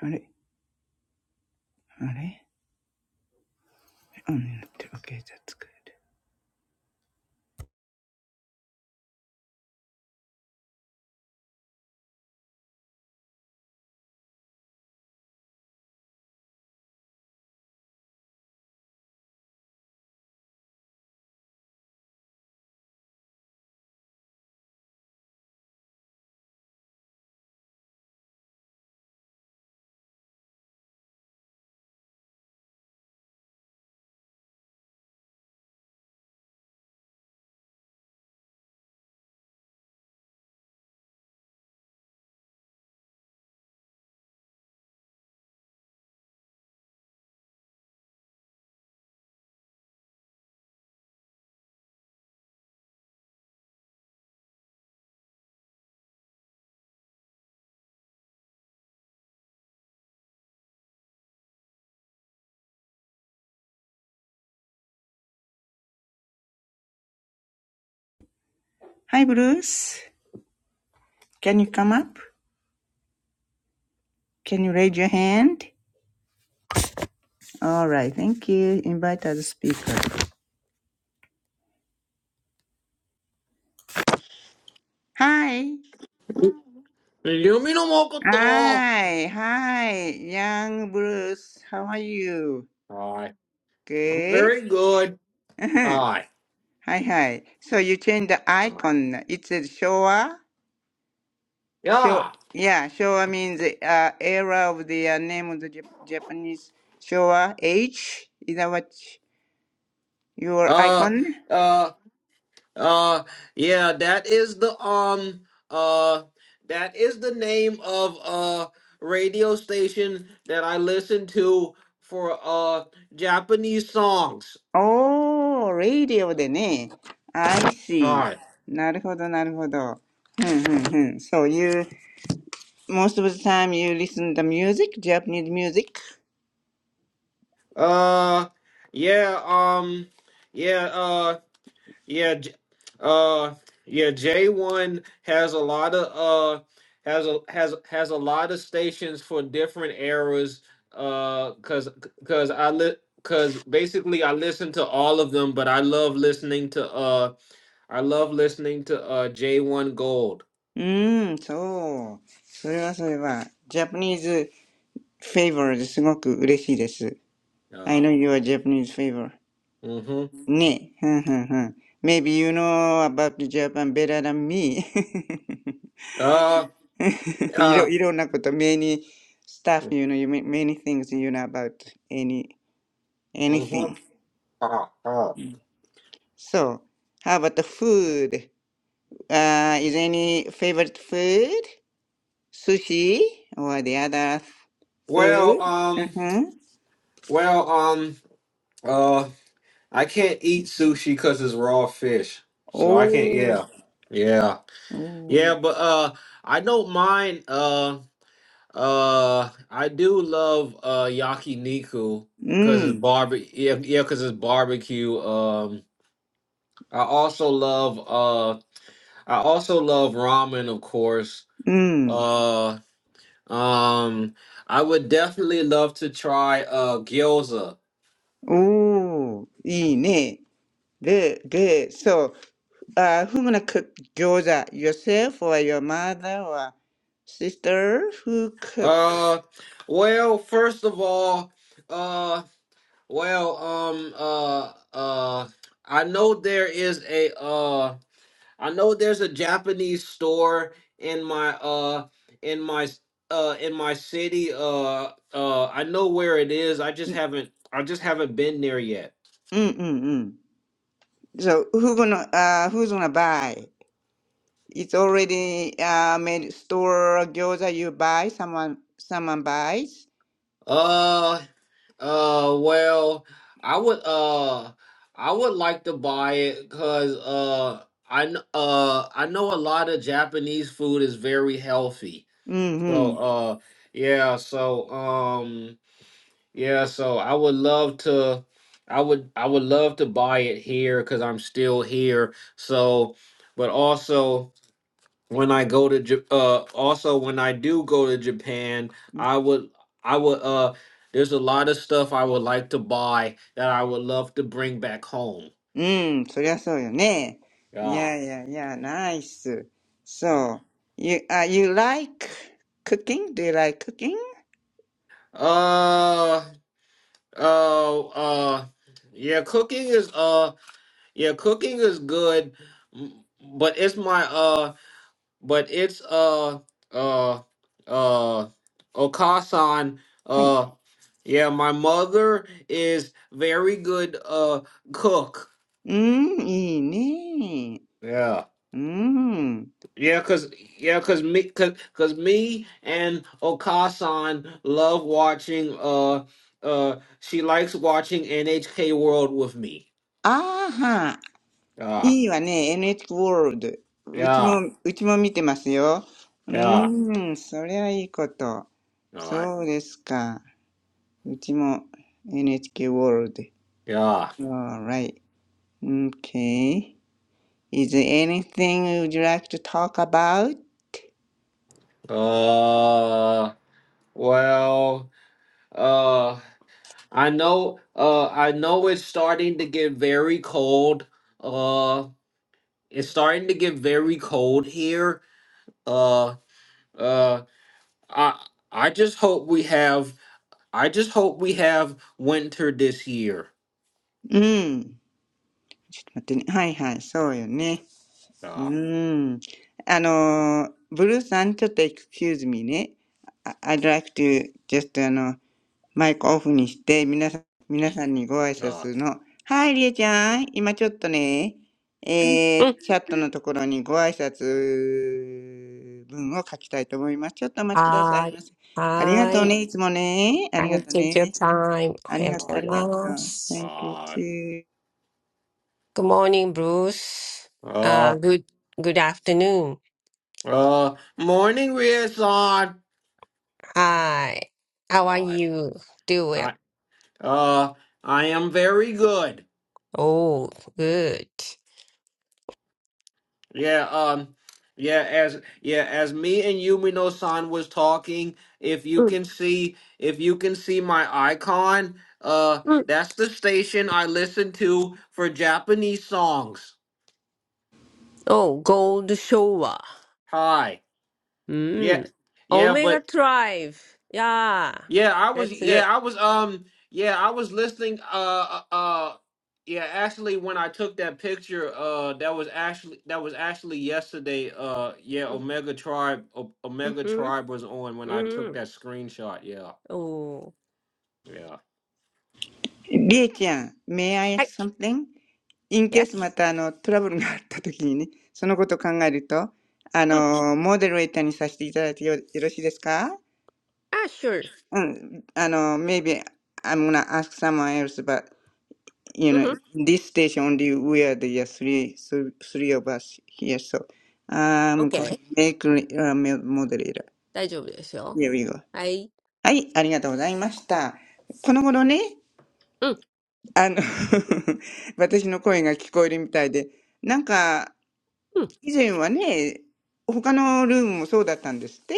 Are they- Oh, no, Okay, that's good. Hi, Bruce. Can you come up? Can you raise your hand? All right, thank you. Invite other speaker. Hi. i Hi. Hi, young Bruce. How are you? am Good. very good. Uh-huh. Aye. Hi, hi. So you change the Aye. icon. It says Showa. Show. Yeah. Yeah, Showa means uh, era of the uh, name of the Jap- Japanese Showa age. Is that what your Uh, icon? uh, uh, yeah, that is the, um, uh, that is the name of a radio station that I listen to for, uh, Japanese songs. おー、レイディオでね。I see. Hi. なるほど、なるほど。ふんふんふん。So you, most of the time you listen to music, Japanese music? Uh, yeah, um, yeah, Uh. Yeah, J- uh, yeah. J one has a lot of uh has a has has a lot of stations for different eras. Uh, cause cause I li- cause basically I listen to all of them, but I love listening to uh I love listening to uh J one Gold. うーん、そう。それはそれは。Japanese favor ですごく嬉しいです。I Uh, know you are Japanese favor. mm-hmm. ね。ふんふんふん。Maybe you know about Japan better than me. Uh, You uh, don't you don't know about the many stuff you know you ma- many things you know about any mm-hmm. anything. Uh, uh. So how about the food? Uh, is any favorite food? Sushi or the other Well, food? um, Uh-huh. well, um, Uh. I can't eat sushi because it's raw fish. So I can't Oh. yeah. Yeah. Oh. Yeah, but uh I don't mind uh uh I do love uh yakiniku because it's Mm. barbecue yeah, yeah, because it's barbecue. Um I also love uh I also love ramen of course. Mm. Uh um I would definitely love to try uh gyoza. Oh. いいね. Good, good. So, uh, who gonna cook gyoza? Yourself or your mother or sister? Who cook? Uh well first of all uh, Well, um, uh, uh, I know there is a, uh, I know there's a Japanese store in my, uh, in my, uh, in my city. Uh, uh, I know where it is. I just Mm, haven't, I just haven't been there yet. mm, mm, mm. So who gonna uh who's gonna buy? It's already uh made store gyoza you buy, someone someone buys. Uh, uh, well, I would, uh, I would like to buy it because, uh, I, kn- uh, I know a lot of Japanese food is very healthy. So Mm-hmm. uh yeah, so um yeah, so I would love to I would I would love to buy it here cuz I'm still here. So but also when I go to Ja- uh also when I do go to Japan, I would I would uh there's a lot of stuff I would like to buy that I would love to bring back home. Mm, そりゃそうよね。Yeah. Yeah, yeah, yeah, nice. yeah. So you uh you like cooking? Do you like cooking? Uh uh uh yeah, cooking is uh Yeah, cooking is good, m- but it's my uh, but it's uh uh uh Okasan. はい。Uh, yeah, my mother is very good uh cook. うん、いいね。Yeah, うん。yeah, cause yeah, cause me, cause, cause me and Okasan love watching. Uh, uh, she likes watching NHK World with me. あーはん。Yeah, いいわね、NHK o ー l d うちも、yeah, うちも見てますよ。う yeah, ーん、そりゃいいこと。all right, そうですか。うちも NHK o ー l d yeah. Alright. Okay. Is there anything you'd like to talk about? Uh, Well, uh, I know, uh, I know it's starting to get very cold. Uh, it's starting to get very cold here. Uh, uh, I, I just hope we have, I just hope we have winter this year. うん。ちょっと待ってね。はいはい、そうよね。う Uh, ーん。あのー、ブルーさん、ちょっと excuse me ね。I- I'd like to just, あの、マイクオフにして、皆さん、皆さんにご挨 uh, 拶の。はい、りえちゃん。今ちょっとね、え Mm. ー、チャットのところにご挨拶文を書きたいと思います。ちょっとお待ちください I, ませ。ありがとう I, uh, ね、いつもね。ありが I とう take your ね。time. あ I り am がとう、so あ uh, りがとう。Thank you uh, too. Good morning, Bruce. Uh, uh, good, good afternoon. uh, morning, Riazan. Hi. How are Uh, you doing? I, uh, I am very good. Oh, good. Yeah, um, yeah, as yeah, as me and Yumino-san was talking, if you Mm, can see if you can see my icon, uh mm. that's the station I listen to for Japanese songs. Oh, Gold Shower. Hi. Yeah. Mm. Yeah, but Omega Drive. Yeah, Yeah, I was that's yeah, good. I was um yeah, I was listening uh uh uh, yeah, actually when I took that picture uh that was actually that was actually yesterday uh yeah, Omega Tribe O- Mm, Omega hmm Tribe was on when I took mm. that screenshot. Yeah. Oh, Yeah. りえちゃん、May I hi. ask something? in case ま Yes. たあのトラブルがあった時にね、そのことを考えると、あ Mm. の、モデレーターにさせていただいてよよろしいですか Ah, sure. Mm, I know maybe I'm gonna ask someone else, but you know, hmm this station only we are the uh, three, three, three of us here. So I'm Okay. going to make uh, mo- moderator. 大丈夫ですよ。Here we go. はい。はい、ありがとうございました。この頃ね、うん、あの 私の声が聞こえるみたいで、なんか、うん。以前はね、他のルームもそうだったんですって、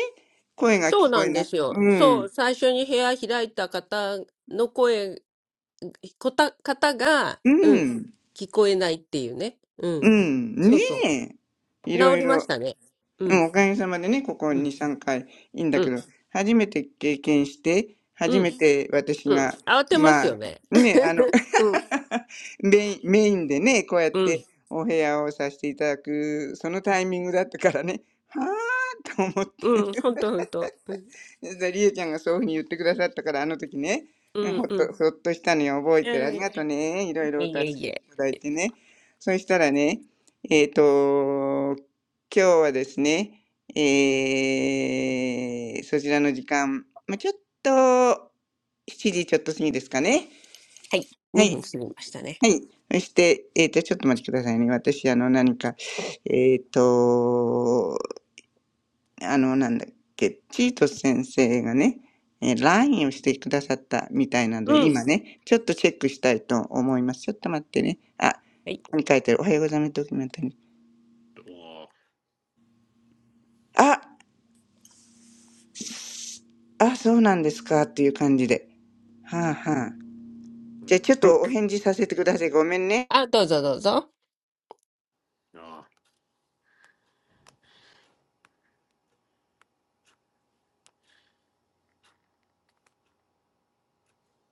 声がそう聞こなえんでなく、すうよ。そう、ん、最初に部屋開いた方の声、こた、方が、ううん、ん、聞こえないっていうね。ううん。ん、そねうそう。え。いろ治いりまろ。したね。ううん、ん、おかげさまでね、ここう2、ん、3回いいいんだうけん、ど、初めて経験して、う初ん、めて私うん。が、慌てまますよあ、ね。ね、あの、うん、メイン、メインでね、こうやっうん、てお部屋をさせていただく、そのタイミングだったからね、はぁーと思って、うん、ほんとほんと。うん、で、りえちゃんがそういうふうに言ってくださったから、あの時ね、ううんほん、っうん。と、ほっとしたのよ、覚えてる。あはりいがとうね。いろいろいおえい助えけいいえ。ただいてね。そしたらね、えっ、と、今日はですね、えー、そちらの時間、まあ、ちょっと、7時ちょっと過ぎですかね。はい。は2い。分過ぎましたね。はい。そして、えっ、と、ちょっとお待ちくださいね。私、あの、何か、えっ、と、あの、なんだっけ、チートス先生がね、えー、LINE をしてくださったみたいなので、うん。今ね、ちょっとチェックしたいと思います。ちょっと待ってね。あ、こはい。こに書いてある。おはようございます。ドキュメントに。Oh, あ、あ、そうなんですか。っていう感じで。はあはあ。mm, じゃあちょっうんとお返事させてください。ごめんね。あ、どうぞどうぞ。yeah.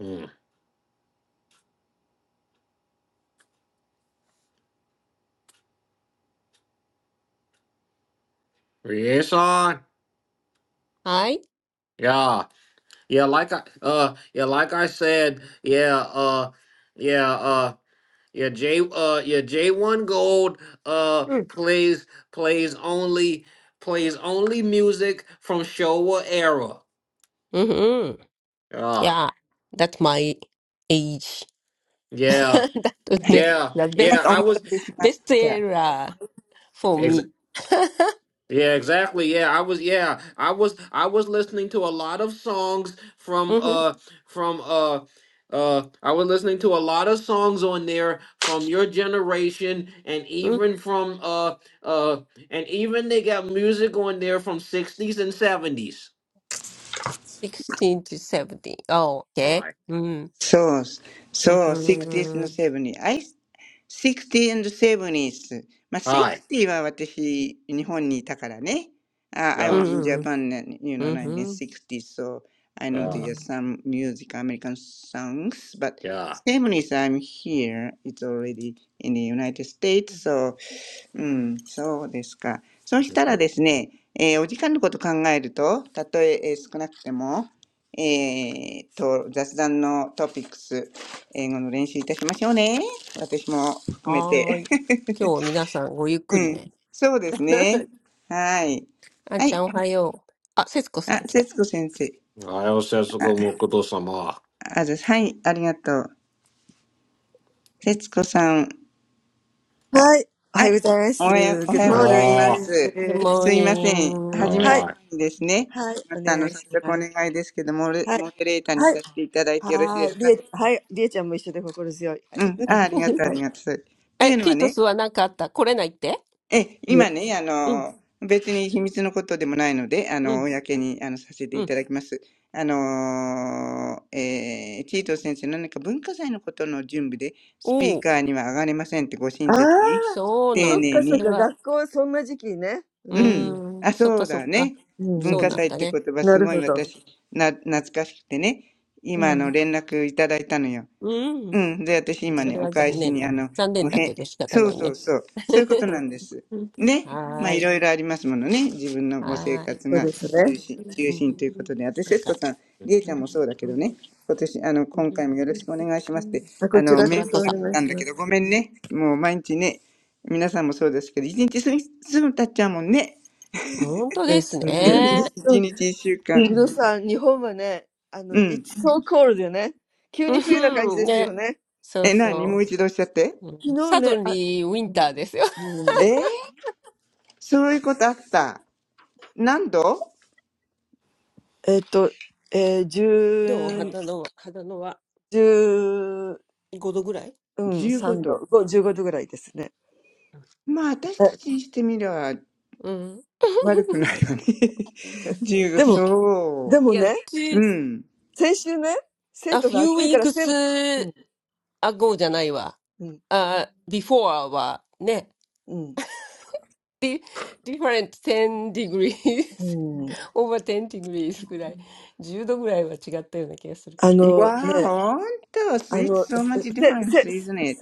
Mm. Yes on. はい。Yeah. Yeah, like I uh yeah, like I said, yeah, uh yeah, uh, Yeah, J uh yeah, J1 Gold uh うん。plays plays only plays only music from Showa era. うんうん、Ah, Yeah, that's my age. yeah. That would はい。be Yeah. the は Yeah, い、お I 待 best た was せしまし best た。era for ex me. Yeah, exactly. Yeah, I was yeah, I was I was listening to a lot of songs from Mm-hmm. uh from uh uh I was listening to a lot of songs on there from your generation and even from uh uh and even they got music on there from 60s and 70s. 16 to s e e v n 17. Oh, All okay. right. Mm. So, so 60s and Mm-hmm. 70s. I, 60s and 70s. All right. まあ、60は私、日本にいたからね。Uh, I was Yeah. in Mm-hmm. Japan, in, you know, Mm-hmm. 1960s, so I know Uh, there's Mm-hmm. some music, American songs, but yeah. 70s, I'm here. It's already in the United States, so うん、そうですか。そうしたら Mhm. ですね、えーお時間のことを考えると、たとええー少なくても、えーと、雑談のトピックス、英語の練習いたしましょうね。私も含めはーて。い。今日は皆さんごゆっ くうりん、ね。そうですね。はい。あんはちゃい。んおはよう。あ、節子さあ、ん来た。節子先生。あ、あず、はい、ありがとう。節子さん、はい、おはよう、お はい。おはようございます。Good はようございま morning す。Good すいません。始 morning. めるはい、お世話ご苦労様。ああ。はい。前にですね、またあの、早速お願いですけども、モデモデレーターにさせていただいてよろしいですかうん、あ、ありがと う、ありがとう。っていえ、うのティはートね、スは何かあった来れないってえ、今ね、あの、別に秘密のことでもないので、あうの、ん、公にあのさせてういん。ただきます。あの、えー、チート先生、何か文化祭のことの準備で、スピおーお、カーには上がれませんってご親切に。そう丁なん寧だ。そに。れは、うーうん。です。はい。はい。お願いします。はい。はい。はい。りえ、はい。りえちゃんも一緒で心強い。はい。はい。ね、ああ、そっかそっか。学校、そんな時期ね。うんうん。うんうんうん。なるほど。うん。そうですね。あ、こちらこそお願いします。ですね。本当、イドさん、日本はね、あの、It's ん、あ、そっそかうそっだか。ね。文そう化なん祭っだてね。言葉すごい私、な、懐かしくてね。今、あの、連絡いただいたのよ。ううん、ん。で、私今そね、れおは返残し念に、だ。あの、残念おだへ、けど仕方そうないそうね。そう。そういうことな んです。ね。まはあ、ーいい、ろいろありますものね。自分のご生はーい。活が中心、中うん、心ということで。私、なん節子か、さん、りえちゃんもそうだけど Right. ね。今年、あの、今回もよろしくお願いしますって、あの、こちメーらルしこなそ。かったんだけど、ごめんね。もう毎日ね、皆さんもそうですけど、一日すぐ、すぐ経っちゃうもんね。本当ですね。一日一週間。うん、うん。so cold うんね。よね。急に冬な感じですよね。昨日ね、そうえ、何そもう。う一度おっしゃって。うん、サドンリーウィンターですよ。えうんうん ー、そういうことあった。何度 どう肌の、肌のは5度ぐらい ?15 度。まあ、私たちにしてみればうん。悪く ないよね。15、そいや、つう。うい、ん。あ、few weeks あ、go じゃないわ。あ、before はね、different 10 degrees, over 10 degrees ぐらい、1度ぐらいは違ったような気がするから。わあ、ほんと、うん It's so much difference, isn't it?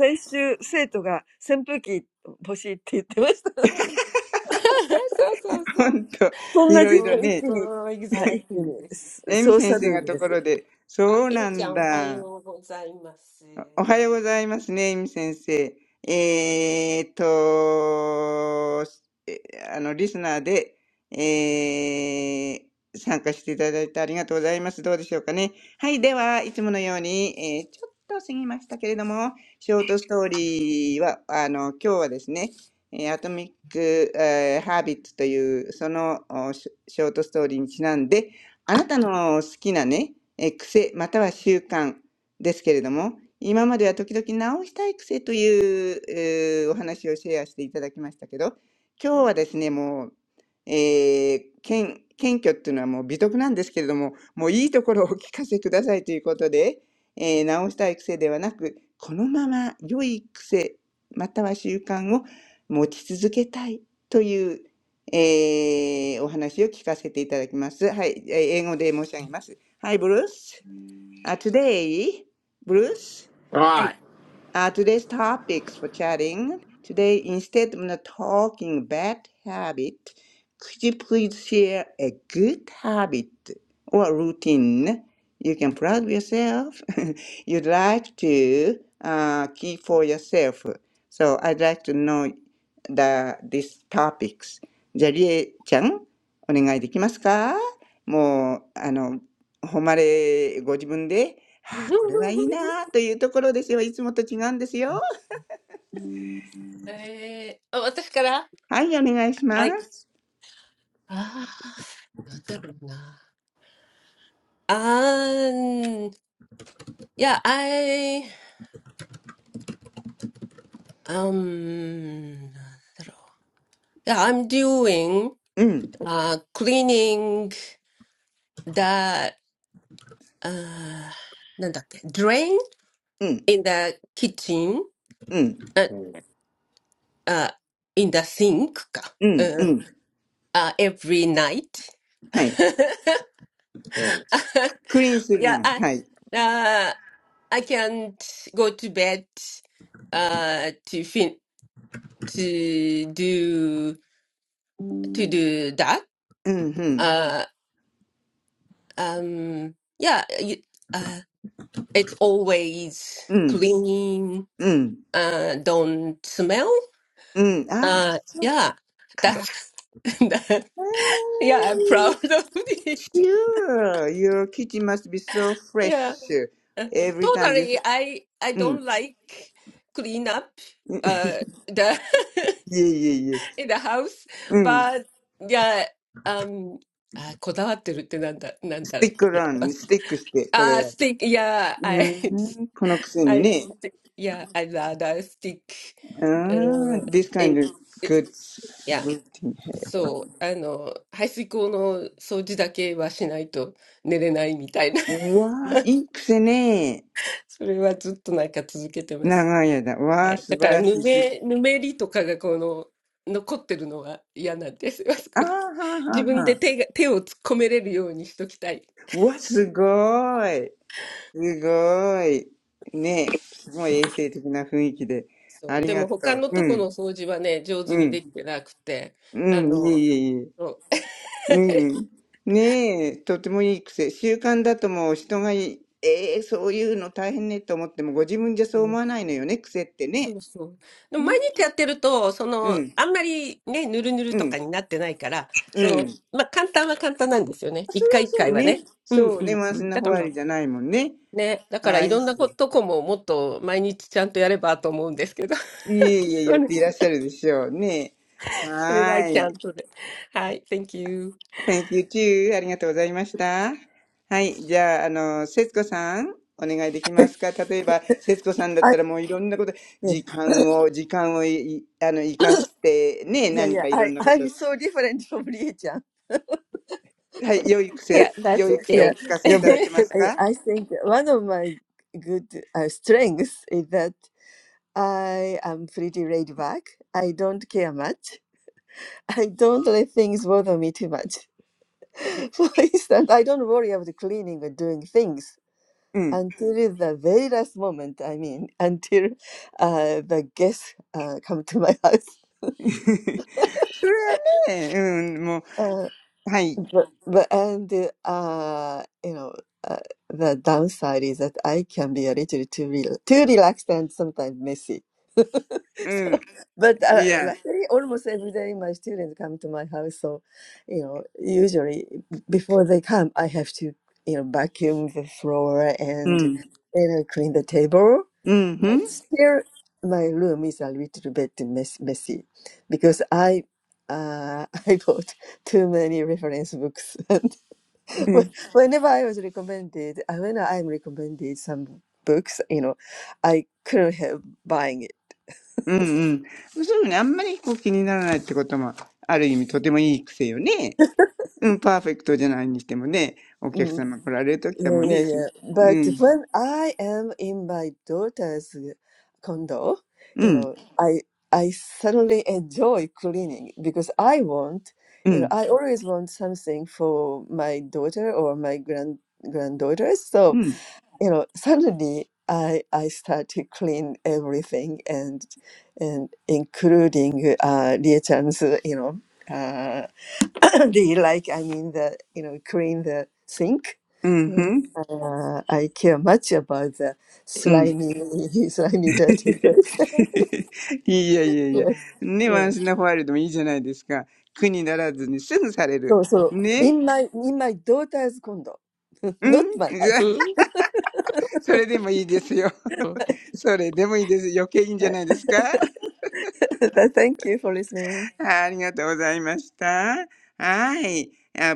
そうそうほそう。んと、いろいろ本ね。当、exactly です。エミ先生がところで、あ、そうエなミちゃんんおはだ。ようございます。おはようございますね、エミ先生。えーっと、えあの、リスナーで、えー参加していただいてありがとうございます。どうでしょうかね。はい、では、いつものように、えーちょっと過ぎましたけれども、ショートストーリーは、あの、今日はですね、えーアトミック、えーハービットという、そのおショショートストーリーにちなんで、あなたの好きなね、えー癖または習慣ですけれども、今までは時々直したい癖という、えーお話をシェアしていただきましたけど、う今日はん ですね、もう、えー謙謙虚っていうのはもう美徳なんですけれども、もういいところをお聞かせくださいということで、えー直したい癖ではなく、このまま良い癖、または習慣を持ち続けたいという、えーお話を聞かせていただきます。はい、えー英語で申し上げます。はい、ブルース。Uh, today, Bruce, はい。Right. uh, today's topics for chatting. Today, instead of not talking bad habit, could you please share a good habit or routine you can proud of yourself you'd like to uh, keep for yourself? So I'd like to know the these topics. じゃあ、りえちゃん、お願いできますかもう、あの、誉れ、ご自分であーこれはいい なあというところですよ。いつもと違うんですよ。えー、あ、私からはい、お願いしまはい。す。ああ、なんだろうな。Um, yeah, I um, yeah, I'm doing うん、uh cleaning the uh なんだっけ drain うん、in the kitchen うん、uh, uh in the sink うん、う か、uh, ん。uh every night. はい。クリーンする Yeah, の。I はい。uh I can't go to bed uh to fin to do to do that うん、うん、Uh, um, yeah, you, uh, it's always うん、clean, うん、uh, don't smell. うん。ああ、Uh, そっ yeah, か。that's that. うー Yeah, I'm proud ん of it. Sure, your kitchen must be so fresh Yeah, Uh, every time you... totally. I I うん。don't like clean up uh the いえいえいえ。in the house, うん。but yeah, um, スティックラン、あ、こだわってるってなんだ、なんだろう。あ、素敵、yeah, スティックして、これは。う ん、このくせに I ね。st yeah, I rather stick あ Ah, の、this え、kind of え、い good や、routine. hair. そう、あの、排水口の掃除だけはしないと寝れないみたいな、わいい癖ね。それはずっとなんか続けてます。長い間。はわー、い。だ素か晴ら、らしぬい。すめ、ぬめりとかがこの、残ってるのが嫌なんですよ、あそあこあ、はーに。はー自分はで手が、手を突っ込めれるようにしときたい。うわ、すごい。すごい。ね。すごい衛生的な雰囲気で。そあう。りでがも、と他う。のうとこのん。掃除はね、上手うにん。できてなくて、うあん。いえの、いえいえ。そうん。ねえ、とてもいい癖。習慣だともう人がい、ええそういうの大変ねと思っても、ご自分じゃそうう思わないのよね、癖ってそね。うそう。でも毎日やってると、そうの、ん。あんまりね、ぬるぬるうとん、かになってないから、うそん。の、それはまあ、簡単は簡単なんですよね。一回一そう回はね。ね。うんそううね。んワンうスん。ナだホからワまイあ、ルじゃないもんね。ね、だからはいい。ろんなこいととこももっと毎日ちゃんとやればと思うんですけど、え いえ、そやっれ、ていらっしゃるでしょうね。それははーちゃい。んとで。はい、Thank you. Thank you too. ありがとうございました。はい。じゃあ、あの、節子さん、お願いできますか例えば、節子さんだったらもういろんなこと、時間を、時間をい、いあの、生かして、ね、何かいろ いやいや、I, んなこと、I'm so different from リエちゃん。はい、良い癖、Yeah, that's 良い癖をお Yeah, okay. 聞かせい yeah, ただ but けます I, か I think one of my good uh, strengths is that I am pretty laid back. I don't care much. I don't let things bother me too much. え For instance, I don't worry about cleaning or doing things うん。until the very last moment. I mean, until uh, the guests uh, come to my house. それはね、うん、もう、Uh, はい。But, but and uh you know uh, the downside is that I can be a little too rel too relaxed and sometimes messy. うん、But uh, いや、luckily, almost every day my students come to my house, so you know usually before they come, I have to you know vacuum the floor う and ん、うん、you know clean the table. うん、う But ん、Mm. still, my room is a little bit mess messy because I uh I bought too many reference books. う When- ん、whenever I was recommended, uh, when I am recommended some books, you know, I couldn't help buying it. うん。そういうのね、あんまりこう気にならないってことも、ある意味とてもいい癖よね。うん、パーフェクトじゃないにしてもね、お客 Mm, 様来られるときは yeah, もう yeah, ね、す yeah. う But ん、when I am in my daughter's uh, condo, う you ん、know, I I suddenly enjoy cleaning because I want, う you know, ん、I always want something for my daughter or my grand granddaughters. So うん、you know suddenly i i start to clean everything and and including uh Lia chan's uh, you know uh the like i mean the you know clean the sink うん、う and ん、uh, i care much about the うん。slimy slimy dirty place いやいや いや、yes ね、ワンス yes ナファイルでもいいじゃないですか。苦にならずにすぐされ so る。so ね。in my in my daughter's condo うん not my う house ん、うん right それでもいいですよ。それでもいいです。余計いいんじゃないですか。はいありがとうございました。はい。Uh, thank you for listening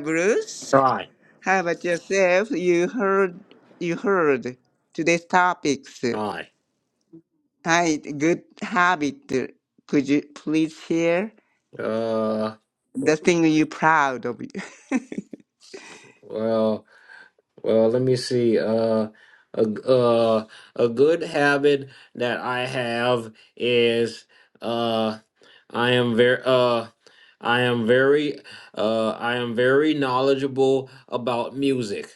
Bruce, Right. how about yourself? You heard, you heard today's topics. Right. はい。Good habit. Could you please share Uh, the thing you proud of? well. Well, let me see. Uh, a g- uh, a good habit that I have is uh, I am very uh, I am very uh, I am very knowledgeable about music,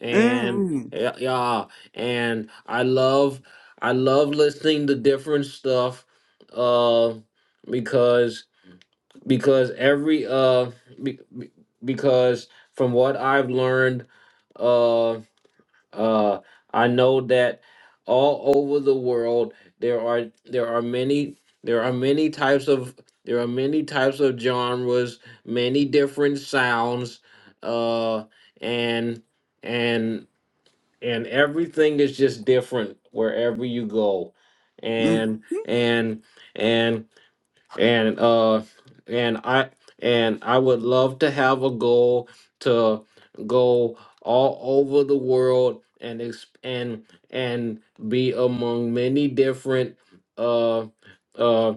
and yeah, yeah, and I love I love listening to different stuff, uh, because because every uh, be, be- because from what I've learned, uh, uh, I know that all over the world there are there are many there are many types of there are many types of genres, many different sounds, uh, and and and everything is just different wherever you go, うんうん。うん。うん。そうね。うん。and and and and uh and i and i would love to have a goal to go all over the world and ex- and and be among many different uh uh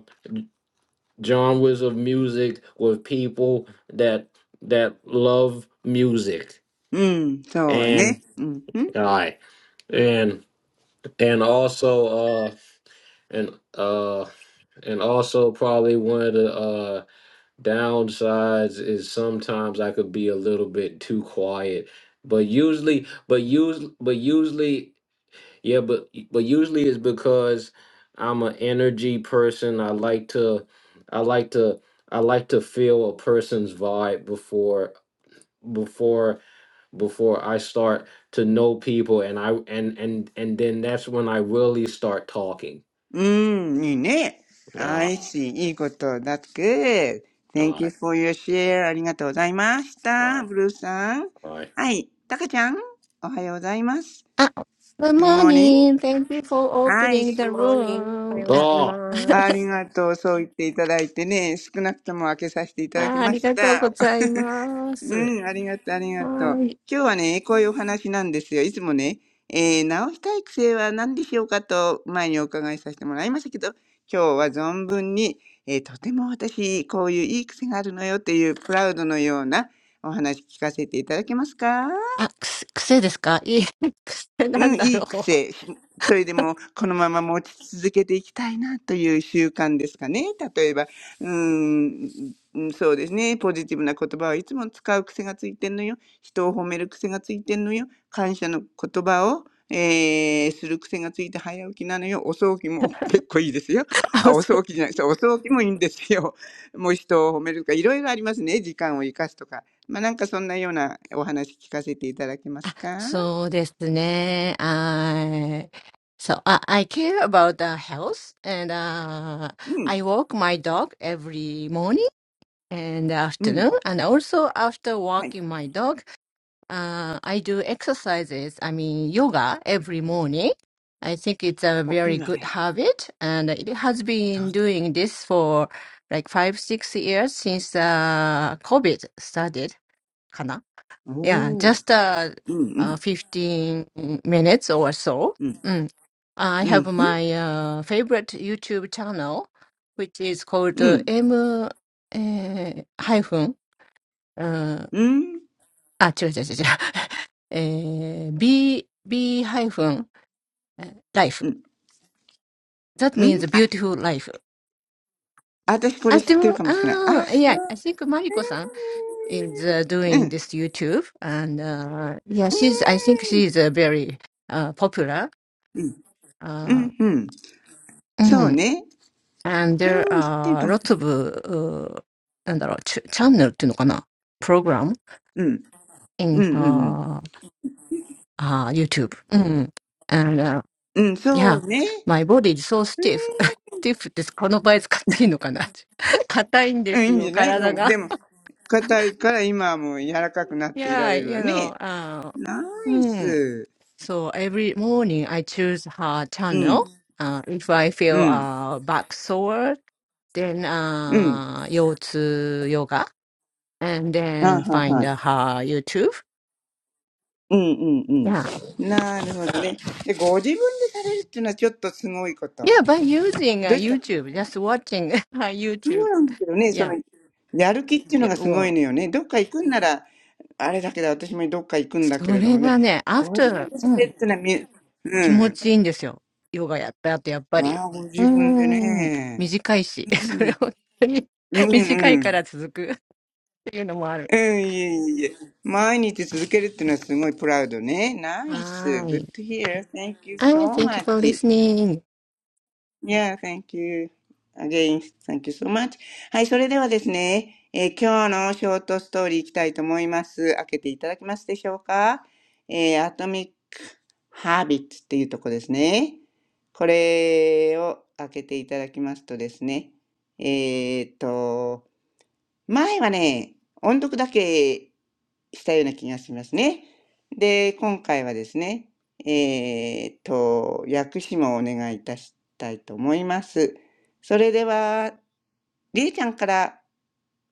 genres of music with people that that love music and i and and also uh and uh and also probably one of the uh downsides is sometimes I could be a little bit too quiet, but usually, but usually, but usually, yeah, but but usually it's because I'm an energy person. I like to, I like to, I like to feel a person's vibe before before before I start to know people, and I and and and then that's when I really start talking. うーん、いいね。Yeah. I see. いいことだ。That's good. All Thank you right. for your share. ありがとうございまし All た。right. ブルーさん。All right. はい。タカちゃん、おはようございます。Ah, good Good morning. morning. Thank you for はい。opening Good the morning. おは room. ようごこと、ざ いまありす。がとう。そう言っていただいてね、少なくとも開けさせていただきました。うん、ありがとう、ありがとう。今日はね、こういうお話なんですよ。いつもね、えー直したい癖は何でしょうかと前にお伺いさせてもらいましたけど、今日は存分に、えーとても私、こういういい癖があるのよっていうプラウドのようなお話聞かせていただけますかうん、いい あ、ありがとうございます。はい。あ、くせ、癖ですかいえ、癖なんだろう。あ、そう。そうですね。はい。So, 癖。それでも、このまま持ち続けていきたいなという習慣ですかね。例えば、うん、うんそうですね。ポジティブな言葉はいつも使う癖がついてんのよ。人を褒める癖がついてんのよ。感謝の言葉を、えーする癖がついて早起きなのよ。お葬儀も 結構いいですよ。あ、お葬儀じゃない。そう、お葬儀もいいんですよ。もう人を褒めるとか、いろいろありますね。時間を生かすとか。まあ、なんかそんなようなお話聞かせていただけますか I I care about the health and uh, うん。I walk my dog every morning and うん afternoon and also after はい。walking my dog Uh, I do exercises, I mean yoga every morning. I think it's a お、いい very わ good ね。habit, and it has そ been doing this for like five, six years since uh, COVID started. Kana? う、Yeah, おー。just uh, うんう uh, ん。15 minutes or so. うん。Mm. I う have ん。うん。my uh, favorite YouTube channel, which is called う uh, ん。M uh, hyphen. uh, あ、違う違う違う違う。えー、b, b ハイフン、life. うん。That うん。means あ、beautiful life. 私これ知ってるかもしれない。あ、そう。あ、でも、あー、yeah, I think mariko マリコさん is、uh, うん。doing this YouTube and、uh, yeah, う she's, I think ん。she's、uh, very、uh, popular. うん。う Uh, ん。うん。そううん ね。and there うん。知ってるか are も。lots of, uh, なんだろう、チャチャンネルっていうのかな ?program うん。う in んうんう her、uh, YouTube. うん。ん。うん。そ Yeah, うね。my body is so stiff. stiff です。この場合使っていいのかな うん。いいんじゃないうんで 硬いんですよ、体が。Yeah, も、硬いから今はもう柔らかくなっていられるわ you know, ね。uh, ナイ hmm. ス。So every morning I choose her うん。channel. Uh, if I う feel ん。uh, back sore, then うん。uh, 腰痛 yoga, and あ then は find は。uh, her YouTube. うんうん Yeah, うん。なるほどね。で、ご自分でされるっていうのはちょっとすごいこと。yeah, by using uh, どうした YouTube, just watching her そう YouTube. なんだけどね、そ Yeah, の、やる気っていうの yeah, がすごいのよね。どっか行くんなら、あれだけど、私もどっか行くんだけれどもね、ご自分 もう、それがね、after でされるっていうのはみ、うん。ああ、ご自分でね。うん。気持ちいいんですよ。ヨガやった後、やっぱり。うーん。短いし、それ本当にうんうん。うん、い短いから続くっていうのもある。はーい。あー えいえいえ。毎日続けるっていうのはすごいプラウドね。ナイス。Good to hear. Thank you so thank you for much. listening. Yeah, thank you. Again, thank you so much. はい、それではですね、えー今日のショートストーリーいきたいと思います。開けていただけますでしょうかえー、アトミック・ハービッツっていうとこですね。これを開けていただきますとですね、えーっと、前はね、音読だけしたような気がしますね。で、今回はですね、えーっと、訳詞もお願いいたしたいと思います。それでは、りえちゃんから、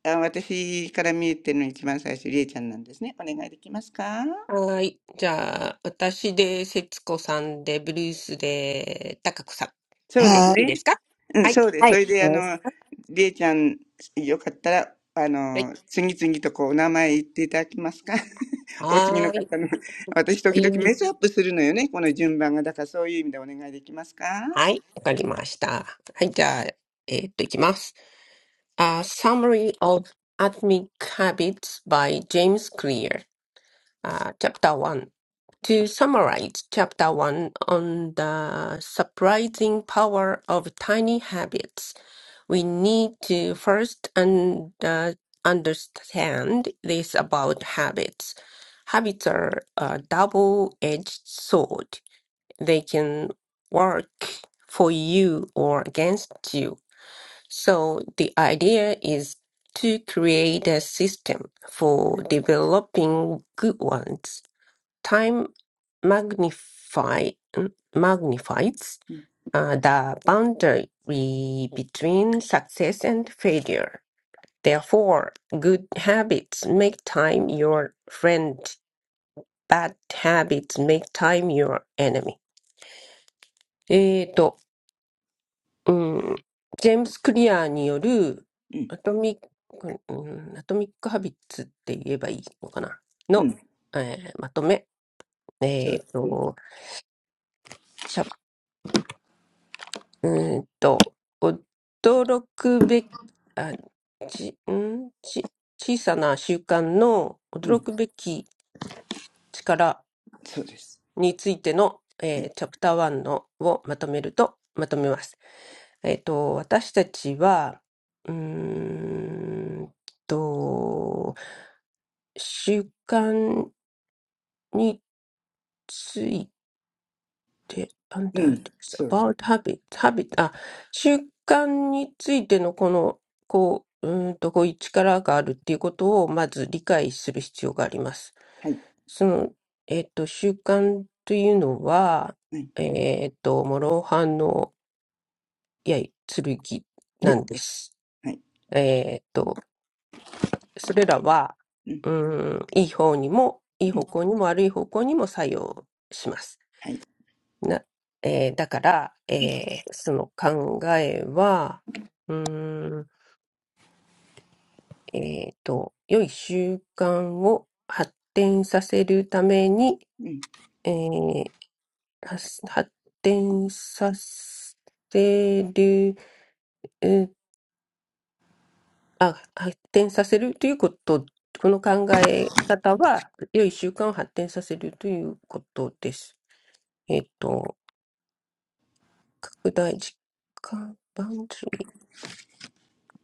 あ私から見えてるの一番最初、りえちゃんなんですね。お願いできますかはい。じゃあ、私で、節子さんで、ブルースで、高子さん。そうですはい。ね。うん、で、いいですかはい。そうです。それで、あの、Yes. りえちゃん、よかったら、あの、次々とこう、お名前言っていただきますか。お次の方の。私、時々メスアップするのよね、この順番が。だから、そういう意味でお願いできますか。Summary of Atomic Habits by James Clear. Uh, chapter 1. To summarize Chapter 1 on the surprising power of tiny habits, we need to first un- uh, understand this about habits. Habits are a double-edged sword. they can work for you or against you. So the idea is to create a system for developing good ones. Time magnify, magnifies うん、uh, the boundary between success and failure. Therefore, good habits make time your friend, bad habits make time your enemy. うん、ジェームス・クリアーによるうん、アトミック、うん、アトミック・ハビッツって言えばいいのかなうん、の、えーまとめ。そえうっ、ですと、しゃ、うーんと、驚くべき、あ、ち、んち、小さな習慣のう驚ん、くべき力そうです。についての、えーチャプター1のをまとめると、まとめます。えっと、私たちは、うーんと、習慣について、なんうだ、ん、そうよ。about habit, habit, あ、習慣についてのこの、こう、うーんと、こういう力があるっていうことを、まず理解する必要があります。はい、その、えっと、習慣というのは、はい、えっと、諸刃の、いや、剣なんです。はい、えっと、それらは、うん、うーん、いい方にも、いい方向にも悪い方向にも作用します。はい、なえーだから、えーその考えは、うーん、えっと、良い習慣を発展させるために、うん、えー発発展させる、うんあ、発展させるということ、この考え方は、良い習慣を発展させるということです。えっと、拡大、時間、番組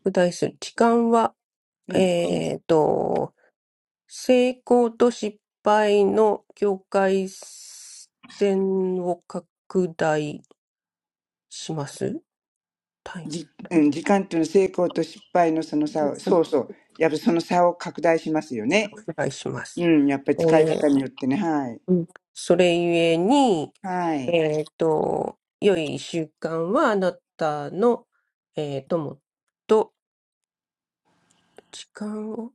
拡大する。時間は、うん。えっと、成功と失敗の境界線を拡大します。タイじ、うん、時間というのは成功と失敗のその差ムを、そうそう。やっぱその差を拡大しますよね。拡大します。うん、やっぱりえ使いー方によってね、はい。うん、それゆえに、はい。えっと、良い一週間はあなたの、えー、友と時間を、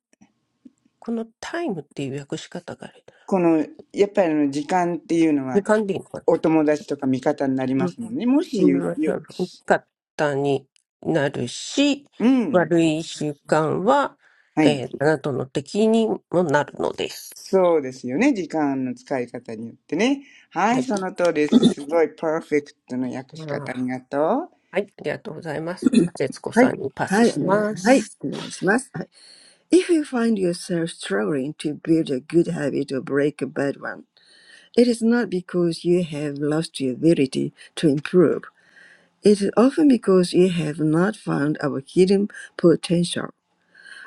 このタイムっていう訳し方があれ。この、やっぱりあの、時間っていうのは、時間でいいのかなお友達とか味方になりうまん、すもんね。もし、うんよ、悪かったになるし、うん。悪い習慣は、はい。えーあなたの敵にもなるのです。そうですよね。時間の使い方によってね。ははい、い。その通りです。すごい、パーフェクトの訳あしー方、ありがとはい。ありがとうございます。じゃあ、節子さんにパスします。はい。はい。お願い。はい。お願いします。はい。If you find yourself struggling to build a good habit or break a bad one, it is not because you have lost your ability to improve. It is often because you have not found our hidden potential.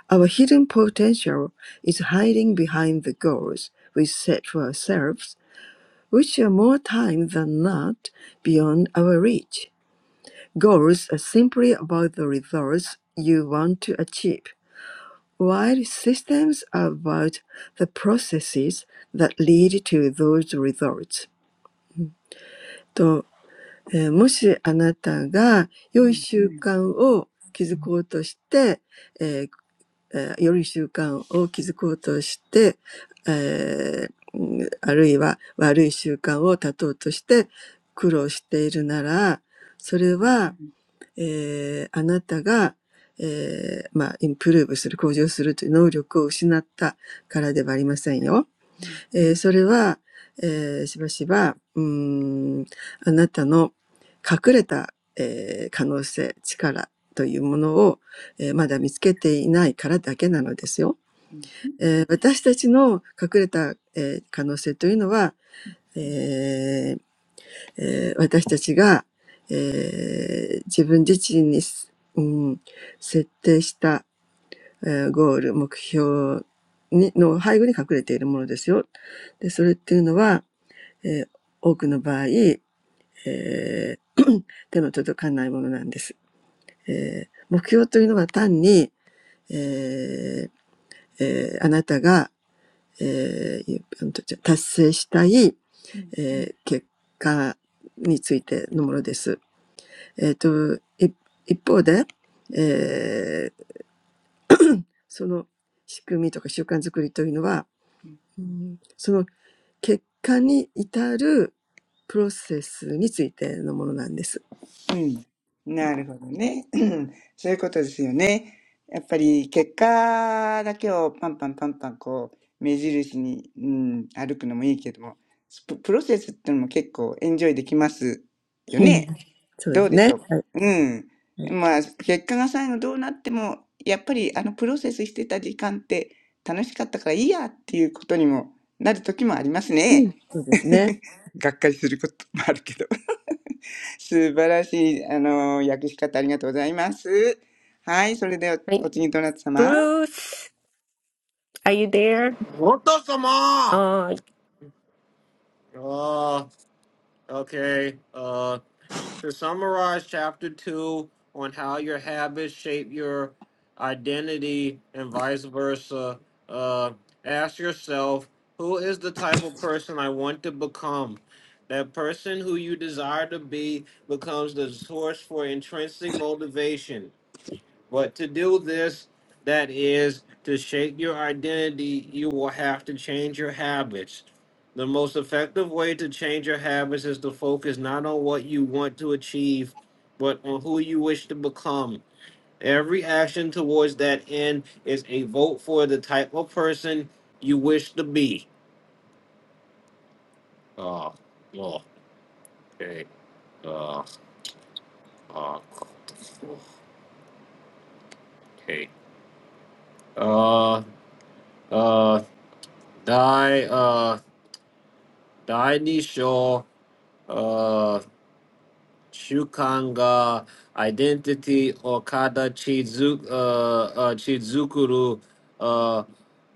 Our hidden potential is hiding behind the goals we set for ourselves, which are more time than not beyond our reach. Goals are simply about the results you want to achieve. while systems are about the processes that lead to those results. う。うん、うん、と、えーもしあなたが良い習慣を築こうとして、えーえー良い習慣を築こうとして、えーうんあるいは悪い習慣を断とうとして苦労しているなら、それはえーあなたが、えーまあ、インプルーブする、向上するという能力を失ったからではありませんよ。えーそれは、えーしばしば、うーん、あなたの隠れた、えー可能性、力というものを、えーまだ見つけていないからだけなのですよ。えー私たちの隠れた、えー可能性というのは、うん、うえー私たちが、えー自分自身に、うん、設定した、えーゴール、目標にの背後に隠れているものですよ。で、それっていうのは、えー多くの場合、えー 手の届かないものなんです。えー目標というのは単に、えーえーあなたが、えーいうんと達成したい、えー結果についてのものです。ん。うん。なるほどね。うんそういうことですよね。やっぱり結果だけをパンパンパンパンこう目印に、うん、歩くのもいいけども、ププロセスってのも結 えっと、い一方で、えーその仕組みとか習慣づくりというのは、うんその結果に至るプロセスについてのものなんです。うんそうですね。はい。はいうん、そうですね。うん。いや、good 構エンジョイできますよね。どうでしょうか。うん。まあ結果が最後どうなっても、やっぱりあのプロセスしてた時間って楽しかったからいいやっていうことにもなる時もありますね。がっかりすることもあるけど。素晴らしい、あの、訳し方ありがとうございます。はい、それでははおい。次、どなた様 Bruce, are you there? はーい。Uh, okay. Uh, to summarize chapter two on how your habits shape your identity and vice versa, uh, ask yourself who is the type of person I want to become? That person who you desire to be becomes the source for intrinsic motivation. But to do this, that is to shake your identity, you will have to change your habits. The most effective way to change your habits is to focus not on what you want to achieve, but on who you wish to become. Every action towards that end is a vote for the type of person you wish to be. Uh, oh, okay. Uh, uh, okay. Uh, uh, die. Uh, 第二章、uh, 習慣が identity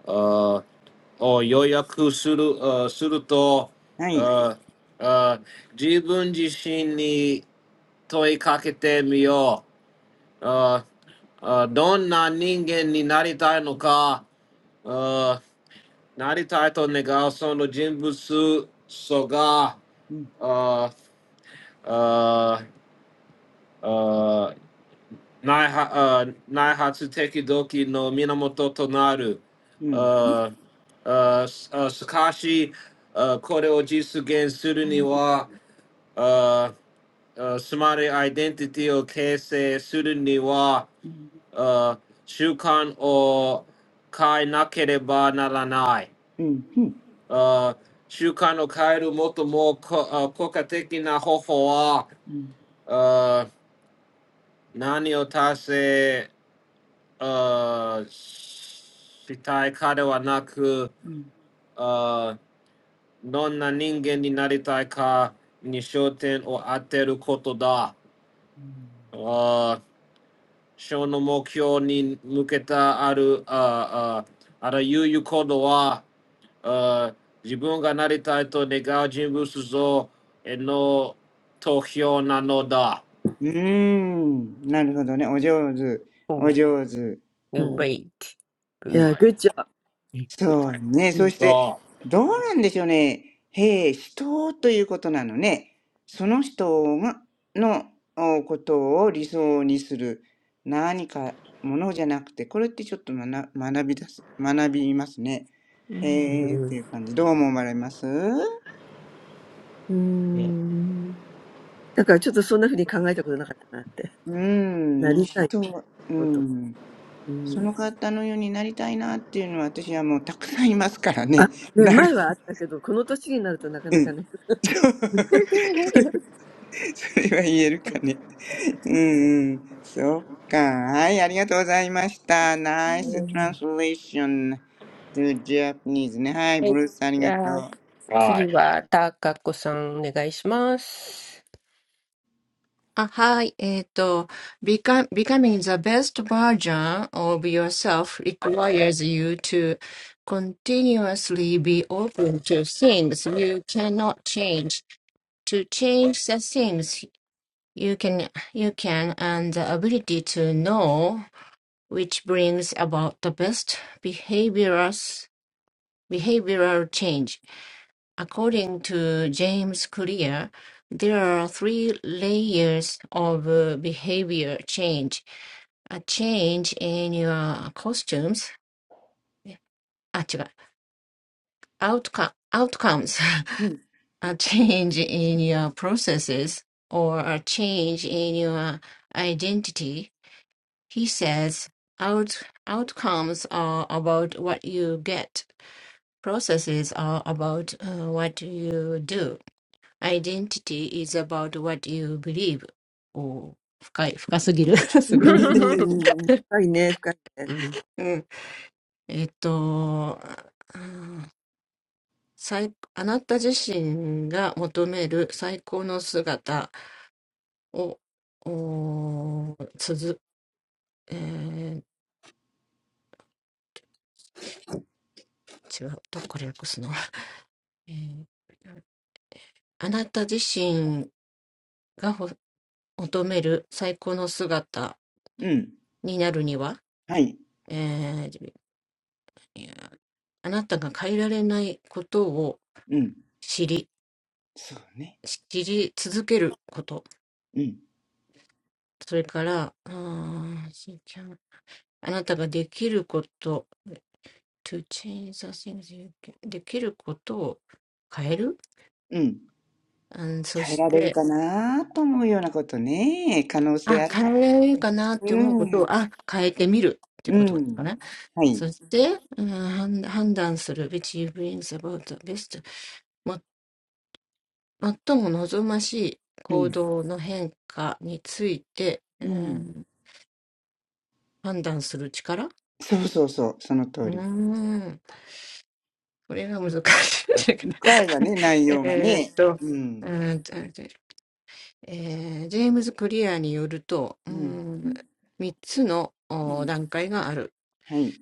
uh, uh, を予約する、uh, はい。すると、uh, uh, 自分自身に問いかけてみよう。uh, uh, どんな人間になりたいのか、uh, なりたいと願うその人物、そが、uh, うん、uh, uh, Nai uh, Hatsu Tekidoki no Minamoto to うん、uh, uh, uh, Sakashi, uh, Kore o Jisugen suru ni wa, uh, uh, Sumare identity o keisei suru ni wa, うん、uh, shukan o kai nakereba naranai. うん、うん、Uh, shukan o kaeru moto mo ko, uh, koka na hoho wa, うん、uh, nani o tase uh, うん。うん死体化ではなく、あーどんな人間になりたいかに焦点を当てることだ。あーその目標に向けたあるあーあーあらゆる行動は、あー自分がなりたいと願う人物像への投票なのだ。はい。そうはい。うんおことさまあー うーん、なるほどね。お上手。お Oh, 上手。you wait. うん。job. そうね。そ Um. して、どうなんでしょうね。へえ、人ということなのね。その人が、のおことを理想にする何かものじゃなくて、これってちょっと学、学びだす、学びますね。へ Um. えっていう感じ。どう思われますね Um. So, I've never thought about it like that. う I ん、人 want は、う to be. ん。そ Um. の方のようになりたいなっていうのは私はもうたくさんいますから Ah, ね。な before る。it was, but now that うん。I'm this age, それは言えるかね。うんうん。そっか。はい、ありがとうございました。ナイスはトランスレーション to Japanese ね。はい、ブい。ルースありじがとゃあ、う。次は、たかこさん、お願いします。うんあ、はい。えっ、と、become, becoming the best version of yourself requires you to continuously be open to things you cannot change, to change the things you can you can and the ability to know which brings about the best behaviors behavioral change according to james clear there are three layers of uh, behavior change a change in your costumes ah, outcome, outcomes うん、a change in your processes or a change in your identity He says, Out- outcomes are about what you get. Processes are about uh, what you do. Identity is about what you believe. it's not easy. うん おー深い、深すぎる。すごい。うん、えっと、うん最あなた自身が求める最高の姿を、おーつづ、えー違う、どこから訳すの、えーあなた自身 うん、はい、がほ求める最高の姿になるには、えーいやあなたが変えられないことを知り、知り続けること。それから、うーん うん。そうね。うん、she can- あなたができること、to change the things you can- うん。変えられるかできることを変える。うんそして、あ、変えられるかなって思うことを、あ、変えてみるっていうことですかね。なと思うようなことね。可能性あるか。うん、うん。はい、そして、うん判判断するべき brings about the best うん、うん。そうそうそう、その通り。深いわね、内容がね。うん、も最も望ましい行動の変化についてうん判断する力うーんこれか難しいんたけとえーっとうんとえーシェームスクリアによるとうんうん、うん。はい、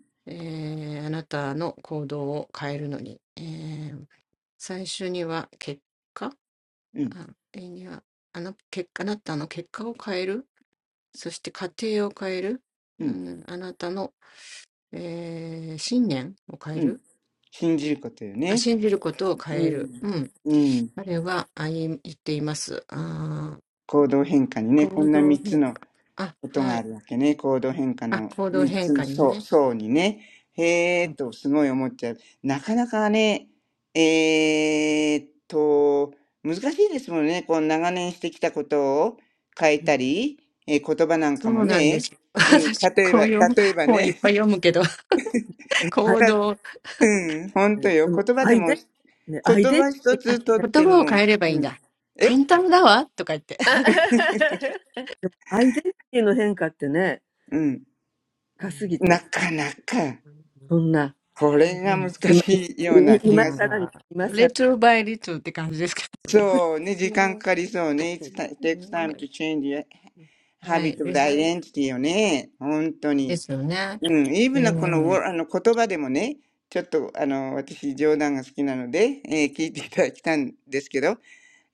うあれには、あの結果、あなたの結果を変える、そして家庭を変える、うん、あなたの、えー信念を変えるあ、信じることを変える。うん。彼はあい言っています。あー行動変あ、はい。あ、行動変化にね。うんそうなんですよ。私、こういう本いっぱい読むけど、行動、あ、言葉を変えればいいんだ。簡単だわとか言って。ん、うん。うん信じることよね。うん。うん。行動変化にね、こんな3つのことがあるわけね。行動変化の3つの層、層にね。へえーと、すごい思っちゃう。なかなかね、えーっと、難しいですもんね。こう、長年してきたことを変えたり、えー言葉なんかもね。うん。例えば、例えばね。It's not たうん。本当 easy. よ。言 Ah, but 葉でも、identity. 言 Identity. 葉一つとっても、うん。え うん。うん。うん。うん。うん。うん。Identity. The change in identity is too much. な Such. かなか、Now, これが難しいようなまあ、レトルバイリトルって感じですかね。はい。で最ですよね。えー、はい。はい。はいええ最初日本人だったら恥ずかしいみたいな、なんていうの。そんな呼ばれ方するのうん。アニメ。えー最近呼んでないな。ねえねえとか。なんだろう。あ、最後、最後のところを訳してないけど。うんうん。産業。はい。アウトカムズ。気がし now, now. そうね、時間かかりそうね。It's ti- It takes time はい to change your うん。habit of the identity よね。本当に。うん、even なこの、wo- あの言葉でもね、ちょっとあの私冗談が好きなので、えー聞いていただきたんですけど、